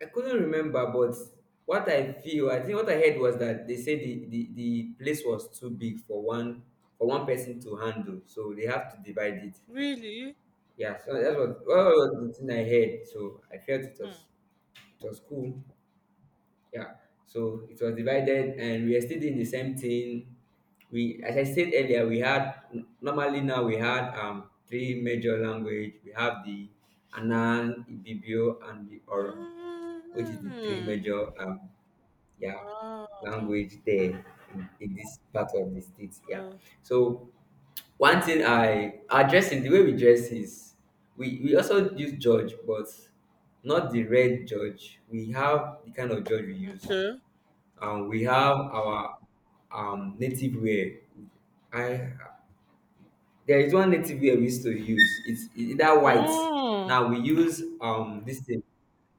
A: I couldn't remember, but what I feel, I think what I heard was that they said the place was too big for one person to handle, so they have to divide it.
B: Really?
A: Yeah, so that's what, well, that was the thing I heard. So I felt it
B: Hmm.
A: was it was cool. Yeah. So it was divided, and we are still doing the same thing. We, as I said earlier, we had, normally now, we had three major language. We have the Anan, Ibibio, and the Oron, which is the three
B: Mm.
A: major, yeah,
B: Ah,
A: language there in this part of the state. Yeah.
B: uh,
A: So one thing, I our dressing, the way we dress is we also use George, but not the red George. We have the kind of George we use,
B: okay.
A: and we have our native wear. I There is one native wear we used to use. It's either white.
B: Mm.
A: Now we use this thing.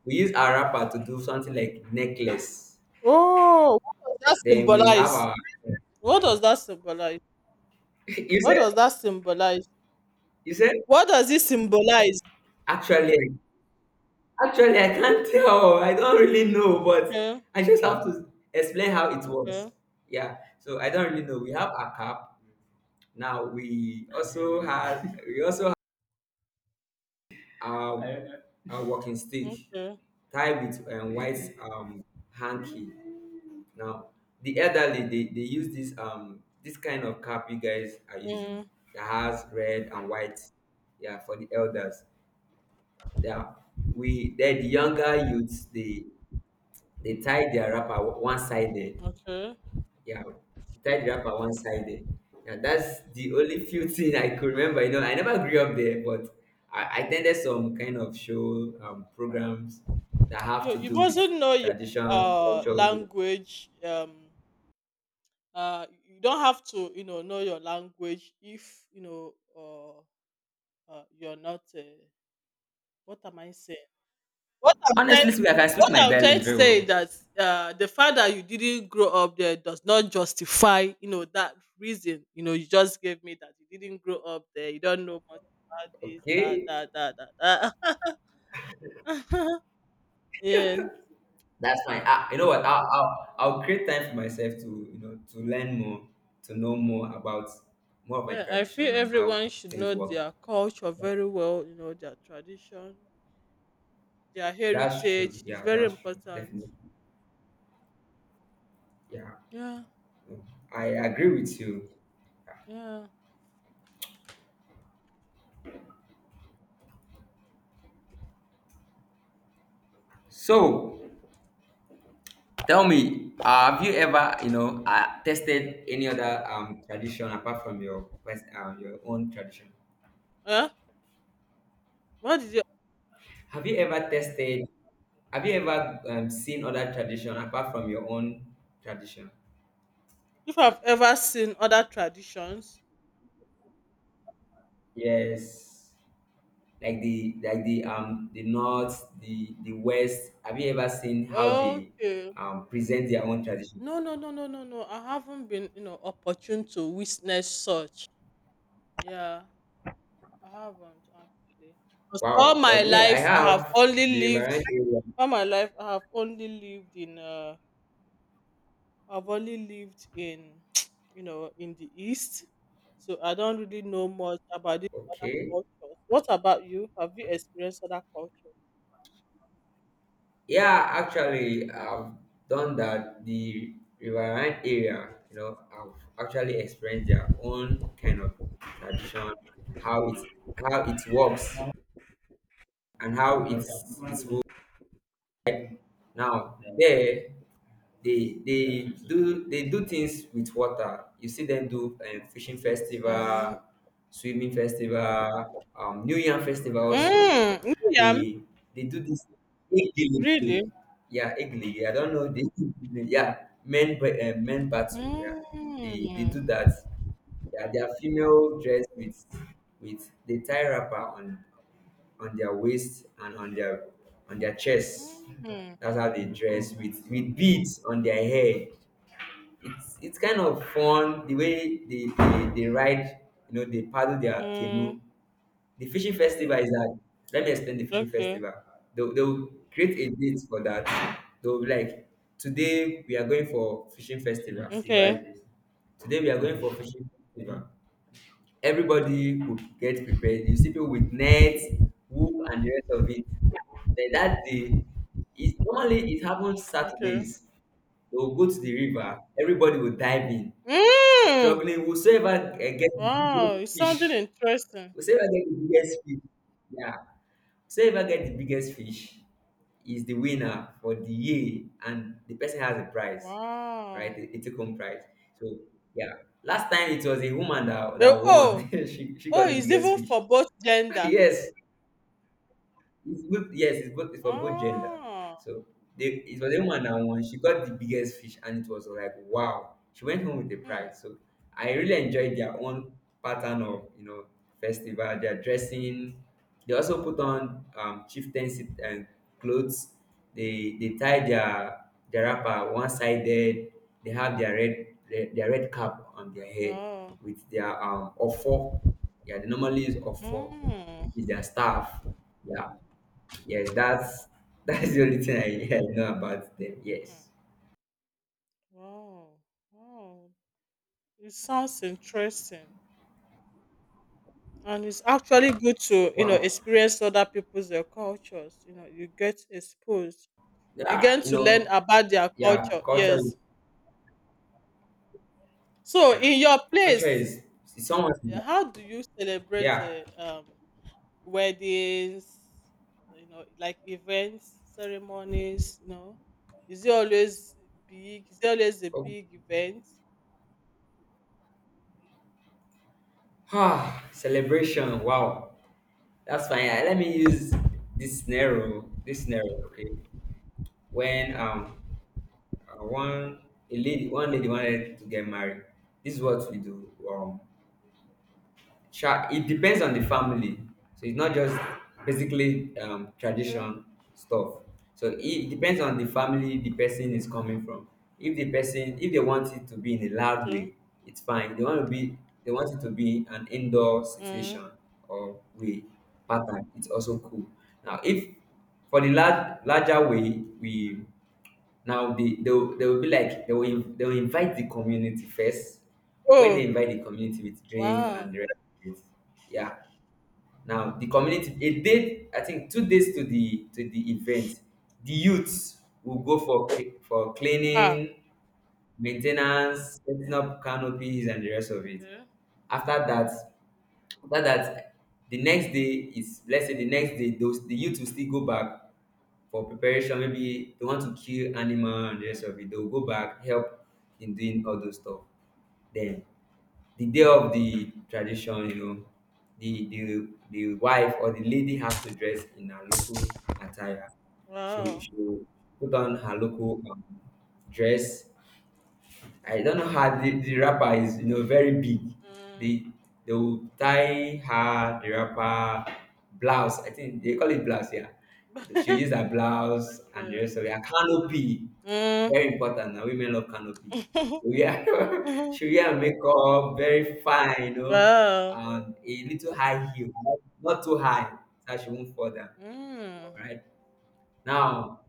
A: We use our wrapper to do something like necklace.
B: Oh, what does that
A: Then we have
B: symbolize?
A: our.
B: What does that symbolize?
A: you
B: What
A: said
B: does that symbolize?
A: you said,
B: What does it symbolize?
A: actually. Actually, I can't tell. I don't really know, but
B: Okay,
A: I just have to explain how it works.
B: okay,
A: Yeah. So I don't really know. We have a cap. Now we also have, I our walking stick
B: okay,
A: tied with, white hanky. Now the elderly, they use this kind of cap you guys are using
B: mm,
A: that has red and white. Yeah, for the elders. Yeah. We Then the younger youths, they tie their wrapper one sided.
B: okay.
A: Yeah, they tie the wrapper one sided. Yeah, that's the only few thing I could remember. I never grew up there, but I attended some kind of show programs that have
B: You
A: to
B: you
A: do with
B: mustn't know your
A: tradition, culture.
B: language, you don't have to, you know your language if you know. Or you're not, what am I saying? what i'm
A: Honestly,
B: trying
A: speaking, I can speak
B: what
A: my
B: I'm trying
A: dialect
B: to
A: very well.
B: say is that, the fact that you didn't grow up there does not justify, you know, that reason, you know, you just gave me that you didn't grow up there you don't know much about this that
A: Okay,
B: that that that, that. Yes.
A: that's fine. Ah, you know what? I'll create time for myself to learn more, to know more about more of my
B: Yeah, I
A: tradition
B: feel
A: and how
B: everyone should
A: things
B: know
A: work.
B: their culture very well, you know, their tradition. Their
A: That's true.
B: heritage is
A: Yeah,
B: very
A: that's true.
B: important.
A: Definitely. Yeah,
B: Yeah,
A: I agree with you.
B: yeah.
A: So tell me, have you ever, tested any other tradition apart from your own tradition?
B: Eh? What did you —
A: Have you ever tested? Have you ever seen other tradition apart from your own tradition?
B: if I've ever seen other traditions?
A: Yes, like the north, the west. Have you ever seen how they
B: Okay.
A: present their own tradition?
B: No, no, no, no, no, no. I haven't been, you know, opportune to witness such. Yeah, I haven't actually. Because all
A: Wow,
B: my
A: but me, I
B: life I have
A: have
B: only
A: the
B: lived,
A: Riverine area.
B: all my life I have only lived in, I've only lived in, you know, in the east. So I don't really know much about these other
A: Okay.
B: cultures. What about you? Have you experienced other cultures?
A: Yeah, actually, I've done that. The riverine area, I've actually experienced their own kind of tradition, how it how it works, and how it's moved. Now there, they do things with water. You see them do fishing festival,
B: Mm-hmm.
A: swimming festival, New Year festival also.
B: Mm, yam,
A: They they do this
B: really?
A: Igili. Yeah, Igili. I don't know this. Yeah, men battle. Yeah, they
B: Mm,
A: do that. Yeah, their female dress with, they tie wrapper on their waist and on their chest.
B: mm,
A: That's how they dress with beads on their hair. It's kind of fun the way they ride. You know, they paddle their
B: mm,
A: canoe. The fishing festival is that. Let me explain the fishing
B: okay,
A: festival. They'll create a date for that. They'll be like, today we are going for fishing festival,
B: okay,
A: right? Today we are going for fishing festival, everybody would get prepared. You see people with nets, whoop, and the rest of it. Then that day, it happens
B: okay.
A: Saturdays. They'll go to the river. Everybody will dive in,
B: Mm,
A: struggling whosoever gets the
B: wow,
A: biggest
B: it sounded
A: fish.
B: interesting.
A: Whosoever get the biggest fish, yeah, whosoever get the biggest fish is the winner for the year, and the person has a prize, right?
B: Wow.
A: A take-home prize. So yeah, last time it was a woman that
B: Eh,
A: that
B: oh,
A: won. she got
B: oh,
A: the
B: it's
A: biggest
B: even
A: fish.
B: for both gender.
A: Yes, it's good. Yes, it's both. It's for both gender.
B: Oh,
A: So it was a woman that won. She got the biggest fish, and it was like wow. She went home with the
B: hmm,
A: prize. So I really enjoyed their own pattern of festival. Their dressing. They also put on chieftaincy and clothes. They tie their wrapper one sided. They have their red cap on their head
B: wow.
A: with their offer. Yeah, they normally use offer,
B: Mm,
A: which is their staff. Yeah, yes, that's that's the only thing I know about them.
B: hmm,
A: Yes.
B: wow, wow. It sounds interesting. And it's actually good to, you know,
A: Wow.
B: experience other people's cultures. You know, you get exposed. You
A: Yeah,
B: get to learn about their
A: yeah,
B: culture.
A: culture
B: Yes.
A: is
B: So
A: yeah.
B: in your
A: Culture
B: place,
A: is, it's almost
B: how do you celebrate
A: yeah.
B: uh, um, weddings? You know, like events, ceremonies. You know, is it always big? Is it always a
A: Oh,
B: big event?
A: ah, celebration. Wow. That's fine. Yeah, let me use this scenario. This scenario, okay. When one a lady one lady wanted to get married. This is what we do. Sha, it depends on the family. So it's not just basically
B: Okay.
A: tradition stuff. So it depends on the family the person is coming from. If they want it to be in a loud
B: Okay.
A: way, it's fine. They want it to be an indoor
B: Mm.
A: situation or way pattern. It's also cool. Now, if for the larger way, we now they will be like they will in- they will invite the community first. When they
B: Oh
A: invite the community with drink and
B: wow.
A: the rest of it, yeah. Now the community, a day I think 2 days to the event, the youths will go for for
B: Ah.
A: cleaning, maintenance, setting up canopies and the rest of it.
B: Okay.
A: After that, after that, the next day is let's say the next day those the youth will still go back for preparation. Maybe they want to kill animal and the rest of it. They'll go back, help in doing all those stuff. Then the day of the tradition, you know, the wife or the lady have to dress in her local attire. She
B: Wow.
A: she put on her local dress. I don't know how the wrapper is, you know, very big.
B: Mm.
A: They they will tie her the wrapper blouse. I think they call it blouse, yeah. She use her blouse and the
B: Okay.
A: rest of it. Her canopy,
B: Mm.
A: very important. Now women love canopy. Yeah,
B: Mhm.
A: she wear her makeup very fine,
B: Wow.
A: and a little high heel, not too high, so she won't fall down.
B: Mm.
A: Right now,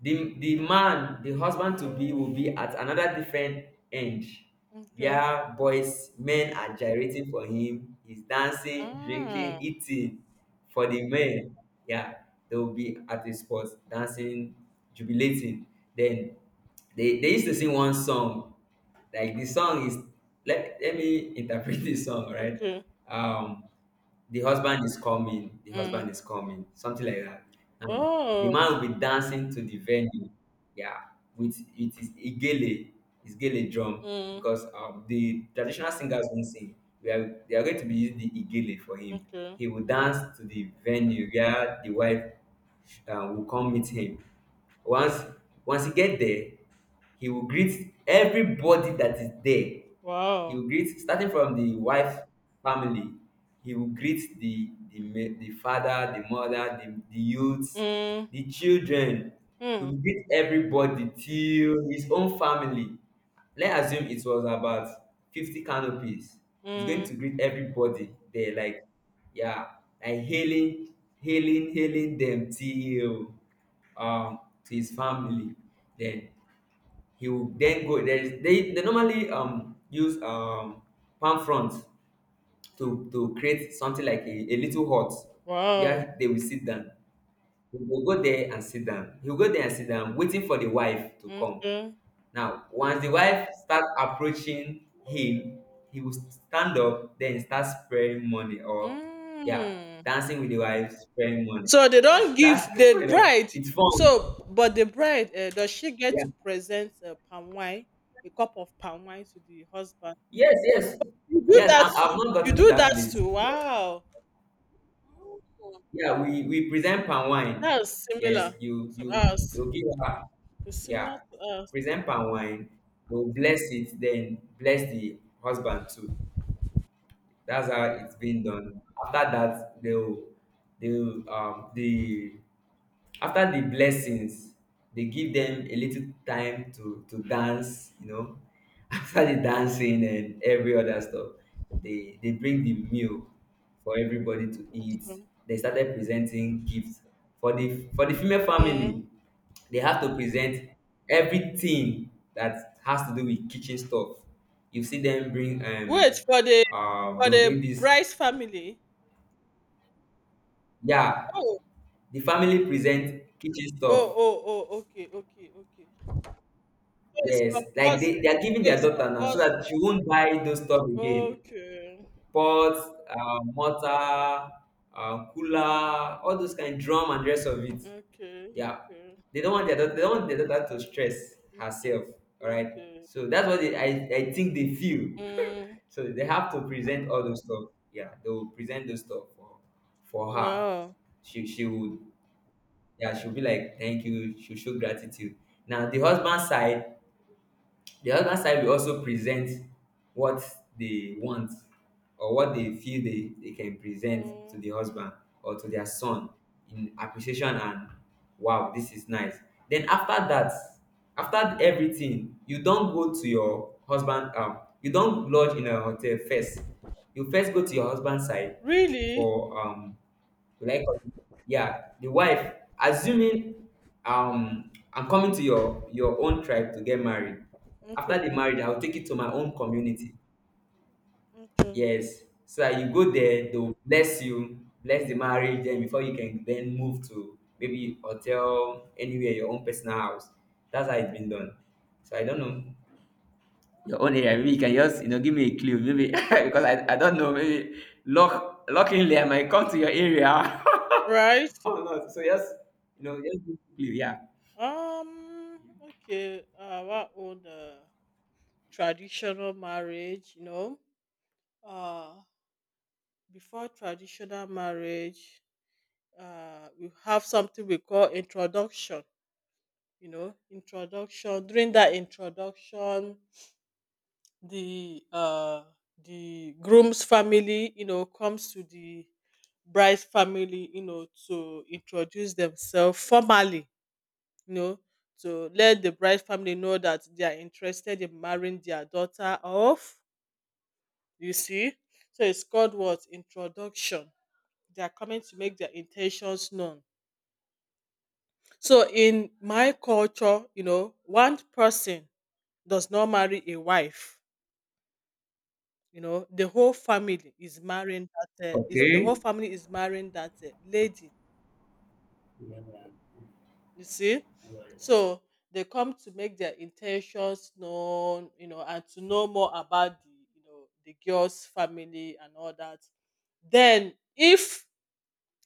A: the husband to be will be at another different end,
B: Okay.
A: where boys men are gyrating for him. He's dancing,
B: Mm.
A: drinking, eating for the men. Yeah, they will be at the spot dancing, jubilating. Then they used to sing one song. Like, the song is, let me interpret this song, right?
B: Okay.
A: um the husband is coming, the
B: Mm.
A: husband is coming, something like that. Um, the
B: Oh.
A: man will be dancing to the venue, yeah, with it is igele, is gele drum,
B: Mm.
A: because the traditional singers won't sing. We are they are going to be using the igele for him.
B: Okay.
A: He will dance to the venue where the wife will come meet him. Once once he get there, he will greet everybody that is there. He
B: Wow.
A: will greet starting from the wife family. He will greet the father, the mother, the youths,
B: Mm.
A: the children. He
B: Mm.
A: will greet everybody till his own family. Let's assume it was about 50 canopies. He's going
B: Mm.
A: to greet everybody there, like, yeah, like hailing, hailing, hailing them, till to his family. Then he will then go, there is, they normally use palm fronds to create something like a little hut
B: Wow.
A: where they will sit down. He will go there and sit down, waiting for the wife to come.
B: Okay.
A: Now once the wife start approaching him, he will stand up, then start spraying money, or yeah,
B: Mm.
A: dancing with the wife, spraying money.
B: So they
A: Yeah,
B: don't give
A: that's
B: the bride.
A: it's fun.
B: So, but the bride, does she get
A: Yeah,
B: to present palm wine, a cup of palm wine to the husband?
A: yes, yes,
B: You do
A: yes, I,
B: that
A: i've
B: too.
A: not
B: You
A: gotten to
B: do
A: that
B: that
A: place.
B: too. Wow.
A: Yeah, we present palm wine.
B: That is
A: Yes,
B: similar
A: you
B: to
A: you
B: us.
A: you give her,
B: It's similar
A: yeah,
B: to us.
A: present palm wine. You will bless it, then bless the husband too. That's how it's been done. After that, they'll um, the, after the blessings, they give them a little time to dance, you know. After the dancing and every other stuff, they bring the meal for everybody to eat.
B: Mm.
A: They started presenting gifts for the female
B: Mm.
A: family. They have to present everything that has to do with kitchen stuff. You see them bring
B: Wait
A: um,
B: for the,
A: uh, they'll bring this,
B: Bryce family.
A: yeah,
B: Oh,
A: the family present kitchen stuff.
B: oh, oh, oh. Okay, okay, okay. So it's
A: Yes, like
B: compulsory.
A: they are giving
B: So
A: their
B: it's
A: daughter now so that
B: compulsory.
A: she won't buy those stuff again.
B: Okay,
A: Pots, mortar, cooler, all those kind, drum and rest of it.
B: okay,
A: Yeah,
B: okay,
A: they don't want their daughter, they don't want their daughter to stress
B: okay,
A: herself. All right,
B: okay.
A: so that's what they, I think they feel.
B: Mm.
A: So they have to present all those stuff. Yeah, they will present those stuff for her.
B: Wow.
A: She would, yeah, she'll be like thank you. She'll show gratitude. Now the husband side, the other side will also present what they want, or what they feel they can present to
B: Mm.
A: the husband or to their son in appreciation. And wow, this is nice. Then after that, after everything, you don't go to your husband, um, you don't lodge in a hotel first. You first go to your husband's side
B: Really?
A: for um, will I con-, yeah, the wife, assuming um, I'm coming to your own tribe to get married. After the
B: Okay,
A: marriage, I'll take it to my own community.
B: okay.
A: Yes. So that you go there, they'll bless you, bless the marriage, then before you can then move to maybe hotel, anywhere, your own personal house. That's how it's been done. So I don't know. Your own area, maybe you can just, you know, give me a clue, maybe because I don't know, maybe luckily I might come to your area.
B: Right.
A: Oh no! So yes, you know, yes, please, yeah.
B: Um. Okay. Our own traditional marriage, you know. uh before traditional marriage, we have something we call introduction. You know, introduction. During that introduction, the uh the groom's family, you know, comes to the bride's family, you know, to introduce themselves formally, you know, to let the bride's family know that they are interested in marrying their daughter off. You see, so it's called what? Introduction. They are coming to make their intentions known. So in my culture, you know, one person does not marry a wife. You know, the whole family is marrying, that is the
A: Okay,
B: whole family is marrying that, lady. You see, so they come to make their intentions known. You know, and to know more about the, you know, the girl's family and all that. Then if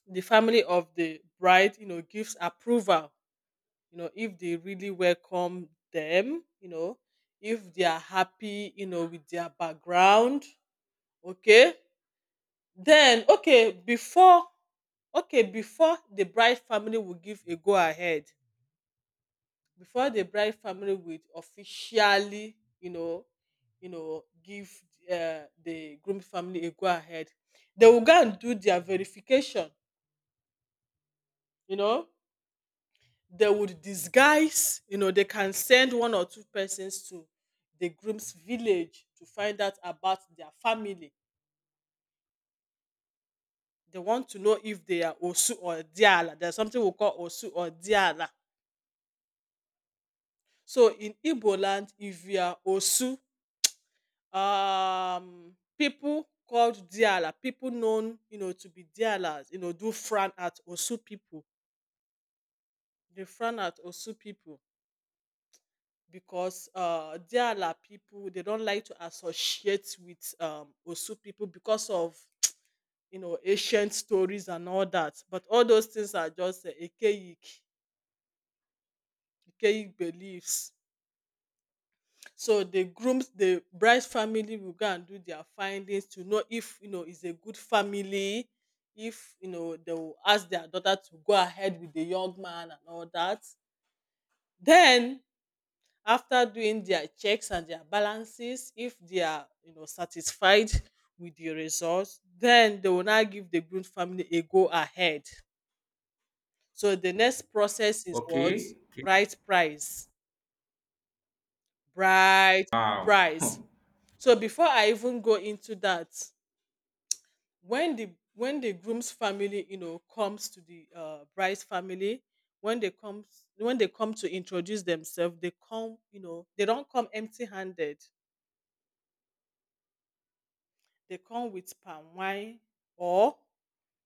B: the family of the bride, you know, gives approval, you know, if they really welcome them, you know, if they are happy, you know, with their background, okay, then okay before okay, before the bride family will give a go ahead, before the bride family will officially, you know, you know, give, the groom family a go ahead, they will go and do their verification, you know. They would disguise, you know, they can send one or two persons to the groom's village to find out about their family. They want to know if they are osu or diala. There's something we call osu or diala. So in igbo land, if you are osu, people called diala, people known, you know, to be dialas, you know, do frown at osu people. They frown at osu people. Because Diala people, they don't like to associate with Osu people because of, you know, ancient stories and all that. But all those things are just, archaic, archaic beliefs. So the bride's family will go and do their findings to know if, you know, is a good family, if, you know, they will ask their daughter to go ahead with the young man and all that. Then after doing their checks and their balances, if they are, you know, satisfied with the results, then they will now give the groom family a go ahead. So the next process is what?
A: okay, okay.
B: Bride price. Bride
A: Wow,
B: price. So before I even go into that, when the groom's family, you know, comes to the, bride's family, when they come when they come to introduce themselves, they come, you know, they don't come empty handed. They come with palm wine or,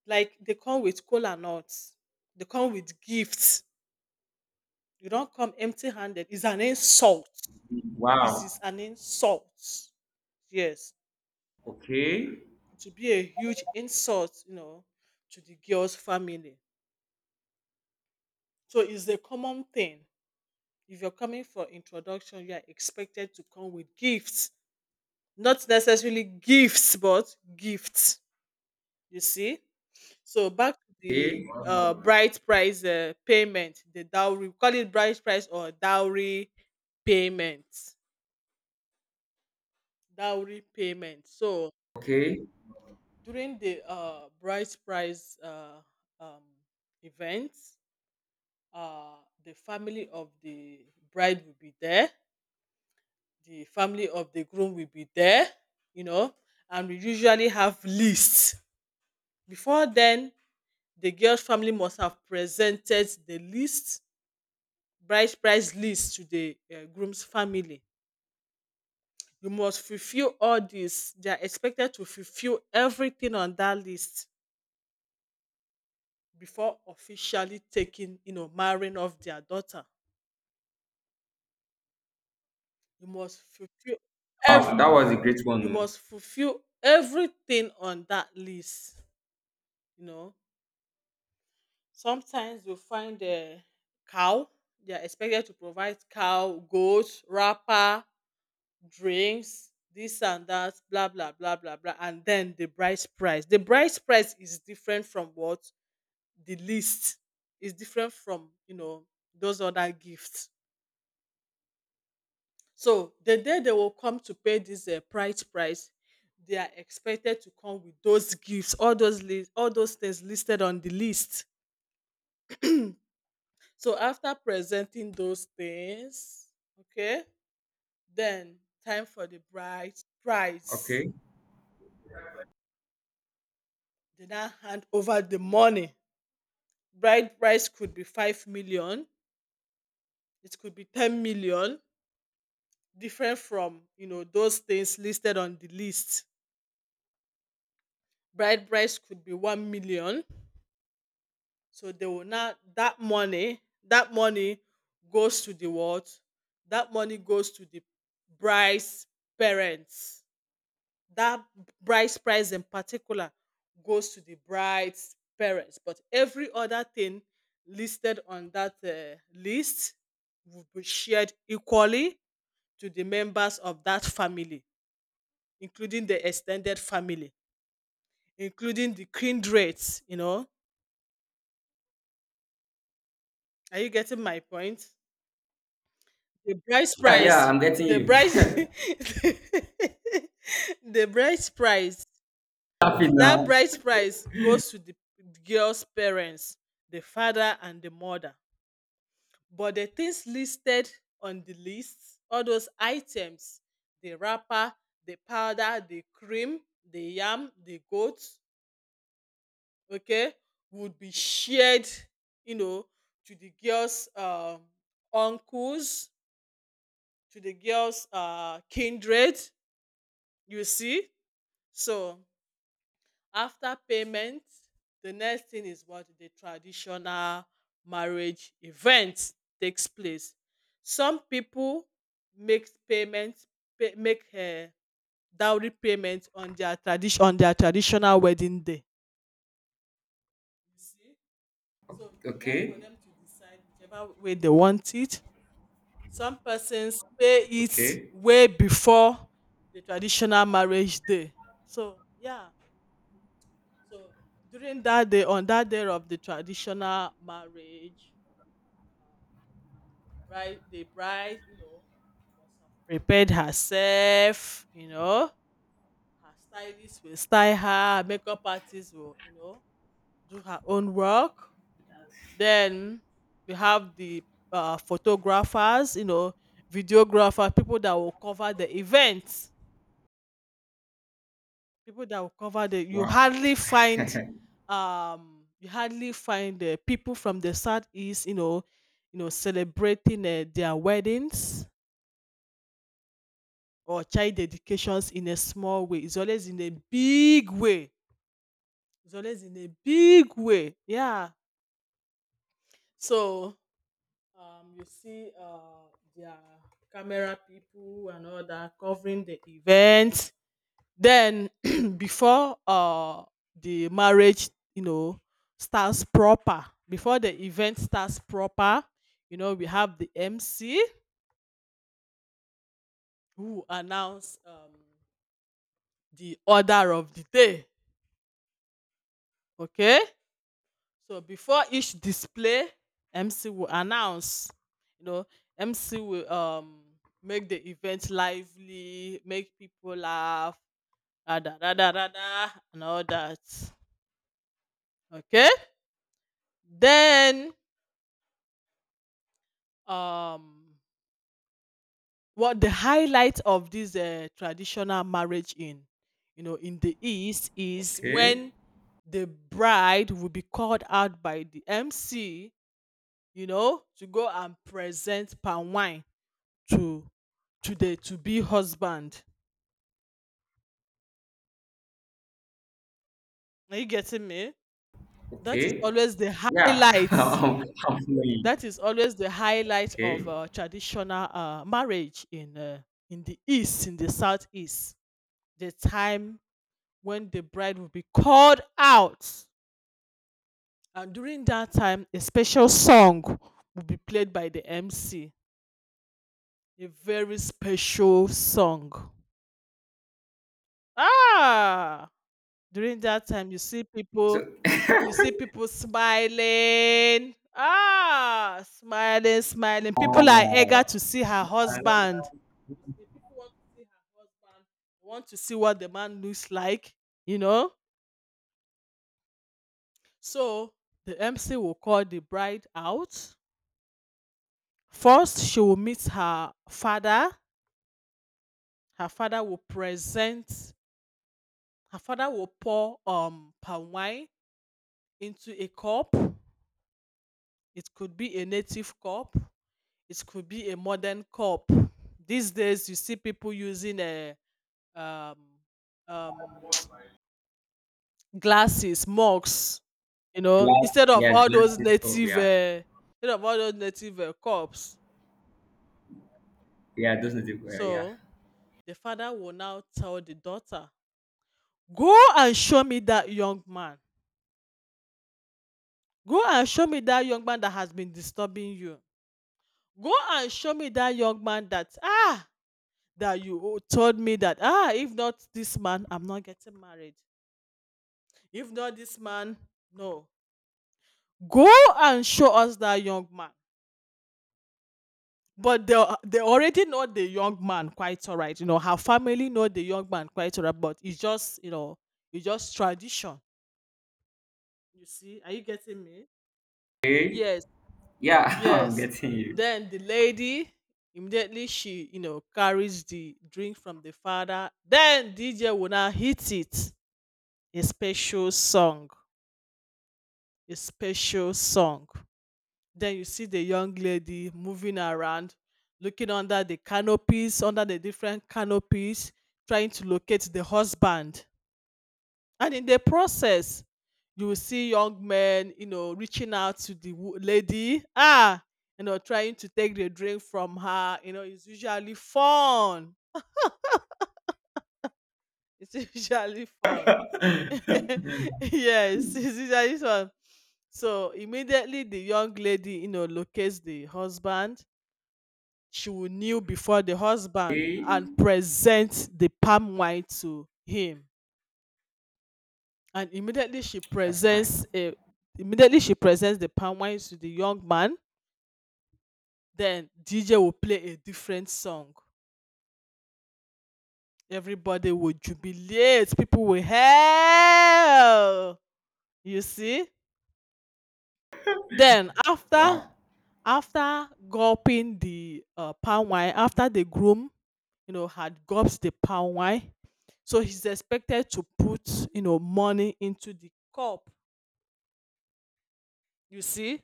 B: like, they come with cola nuts. They come with gifts. You don't come empty handed. It's an insult. It is
A: wow.
B: an insult. Yes.
A: Okay,
B: It will be a huge insult, you know, to the girl's family. So it's a common thing. If you're coming for introduction, you are expected to come with gifts. Not necessarily gifts, but gifts. You see? So back to
A: okay,
B: the bright price, payment, the dowry, we call it bright price or dowry payment. Dowry payment. So
A: okay.
B: during the bright price, um event, uh the family of the bride will be there, the family of the groom will be there, you know, and we usually have lists. Before then, the girl's family must have presented the list, bride price list, to the groom's family. You must fulfill all this. They are expected to fulfill everything on that list before officially taking, you know, marrying off their daughter. You must fulfill ev
A: Wow, that was a great
B: you
A: one. Oh.
B: must fulfill everything on that list. You know, sometimes you find a cow. They are expected to provide cow, goat, wrapper, drinks, this and that, blah blah blah blah blah, and then the bride's price. The bride's price is different from what the list, is different from, you know, those other gifts. So the day they will come to pay this, price, they are expected to come with those gifts, all those list, all those things listed on the list. So after presenting those things, okay, then time for the bride price.
A: Okay.
B: They now hand over the money. Bride price could be 5 million, it could be 10 million, different from those things listed on the list. Bride price could be 1 million. So they will not that money, that money goes to the what, that money goes to the bride's parents. That bride's price in particular goes to the bride's parents, but every other thing listed on that list will be shared equally to the members of that family, including the extended family, including the kindred, you know are you getting my point? The bride's
A: Yeah, yeah.
B: price,
A: I'm getting
B: the
A: you.
B: bride's the bride's price,
A: Happy
B: that
A: now.
B: bride's price goes to the girl's parents, the father and the mother. But the things listed on the list, all those items, the wrapper, the powder, the cream, the yam, the goat, okay, would be shared, you know to the girl's uncles, to the girl's kindred. You see. So after payment, the next thing is what, the traditional marriage event takes place. Some people make payment, pay, make dowry payment on their tradition on their traditional wedding day. You see, so it's left for
A: Okay,
B: them to decide whichever way they want it. Some persons pay it
A: okay.
B: way before the traditional marriage day. So yeah, so during that day, on that day of the traditional marriage, the bride, must have prepared herself. You know, her stylist will style her, makeup artist will, do her own work. Then we have the photographers, videographer, people that will cover the event. People that will cover the,
A: Wow.
B: you hardly find people from the southeast, you know, celebrating their weddings or child dedications in a small way. It's always in a big way, it's always in a big way, yeah. So you see their camera people and all that covering the event. Then before the marriage, starts proper, before the event starts proper, we have the MC who announce the order of the day. Okay? So before each display, MC will announce, you know, MC will make the event lively, make people laugh, da da da da da, da, and all that. Okay? Then um what the highlight of this traditional marriage in, in the east is
A: Okay,
B: when the bride will be called out by the MC, to go and present palm wine to to the to be husband. Are you getting me? That is
A: okay.
B: always the
A: Yeah,
B: highlight,
A: I'm following.
B: that is always the highlight
A: Okay.
B: of traditional marriage in the east, in the southeast, the time when the bride will be called out. And during that time, a special song will be played by the MC. A very special song. Ah! During that time,
A: So.
B: you see people smiling. Ah, smiling, smiling. People are eager
A: Oh,
B: to see her
A: uh,
B: husband. You see, people want to see her husband, want to see what the man looks like, you know. So the MC will call the bride out. First, she will meet her father. Her father will present, her father will pour palm wine into a cup. It could be a native cup, it could be a modern cup. These days, you see people using a, um, um, glasses, mugs,
A: glass.
B: instead of
A: Yes,
B: all
A: glass
B: those
A: is cool.
B: native,
A: Yeah,
B: instead of all those native cups.
A: yeah. Those are the, yeah, yeah.
B: So the father will now tell the daughter, "Go and show me that young man. Go and show me that young man that has been disturbing you. Go and show me that young man that, ah, that you told me that, ah, if not this man I'm not getting married. If not this man, no. Go and show us that young man." But they they already know the young man quite all right. You know, her family know the young man quite all right, but it's just, it's just tradition. You see, are you getting me?
A: Okay.
B: Yes.
A: Yeah, I'm
B: Yes.
A: getting you.
B: Then the lady, immediately she, carries the drink from the father. Then DJ will now hit it, a special song, a special song. Then you see the young lady moving around, looking under the canopies, under the different canopies, trying to locate the husband. And in the process, you will see young men, reaching out to the lady, ah, trying to take the drink from her. You know, it's usually fun. It's usually fun. Yes, it's usually fun. So immediately the young lady, locates the husband. She will kneel before the husband
A: Hey,
B: and present the palm wine to him. And immediately she
A: that's fine.
B: presents a Immediately she presents the palm wine to the young man, then DJ will play a different song, everybody will jubilate, people will hail. You see, then after,
A: Wow.
B: after gulping the palm wine, after the groom, had gulped the palm wine, so he's expected to put, money into the cup. You see,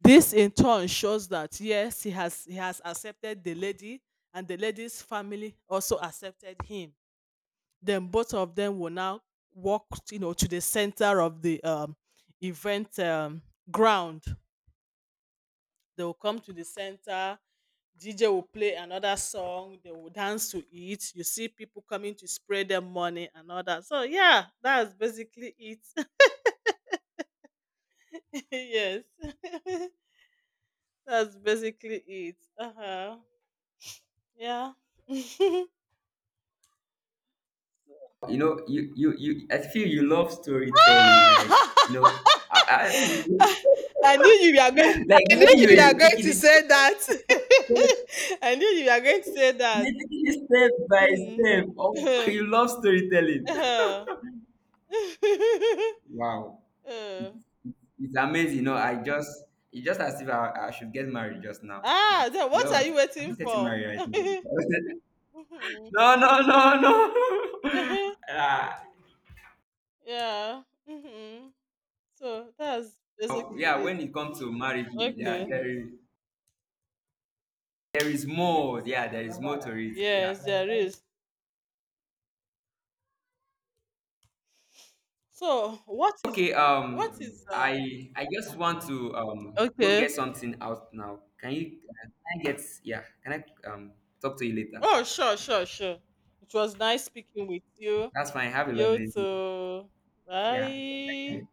B: this in turn shows that yes, he has accepted the lady and the lady's family also accepted him. Then both of them will now walk, to the center of the event ground. They will come to the center. DJ will play another song. They will dance to it. You see people coming to spray them money and all that. So yeah, that's basically it. Yes, that's basically it. Uh huh. Yeah.
A: You know, you. I feel you love storytelling. Like, you know, I
B: I knew you were going.
A: like,
B: I knew
A: when you
B: you were
A: were
B: going
A: taking
B: to
A: it, you
B: say that.
A: were
B: I knew you were going to say that.
A: taking it step by
B: Mhm.
A: step. Oh, you love storytelling.
B: Uh-huh.
A: Wow,
B: Uh.
A: it's amazing. You know, I just, it's just as if I should get married just now. But
B: Ah, then
A: you
B: what
A: know
B: are you
A: what? I'm
B: waiting
A: not getting
B: for?
A: married right
B: Hmm.
A: now. No, no, no, no. Ah,
B: Yeah. Mhm. So that's basically
A: yeah,
B: it.
A: when it comes to marriage, yeah,
B: Okay.
A: there is. There is more. Yeah, there is more to it. Yeah.
B: Yes, there is. So what is,
A: Okay.
B: what is um?
A: I just want to um, go get
B: Okay.
A: something out now. Can you? Can I get? Yeah. Can I um, talk to you later?
B: Oh, sure, sure, sure. It was nice speaking with you.
A: That's fine. Have a
B: You
A: lovely day.
B: too.
A: Yeah.
B: Bye.
A: Thank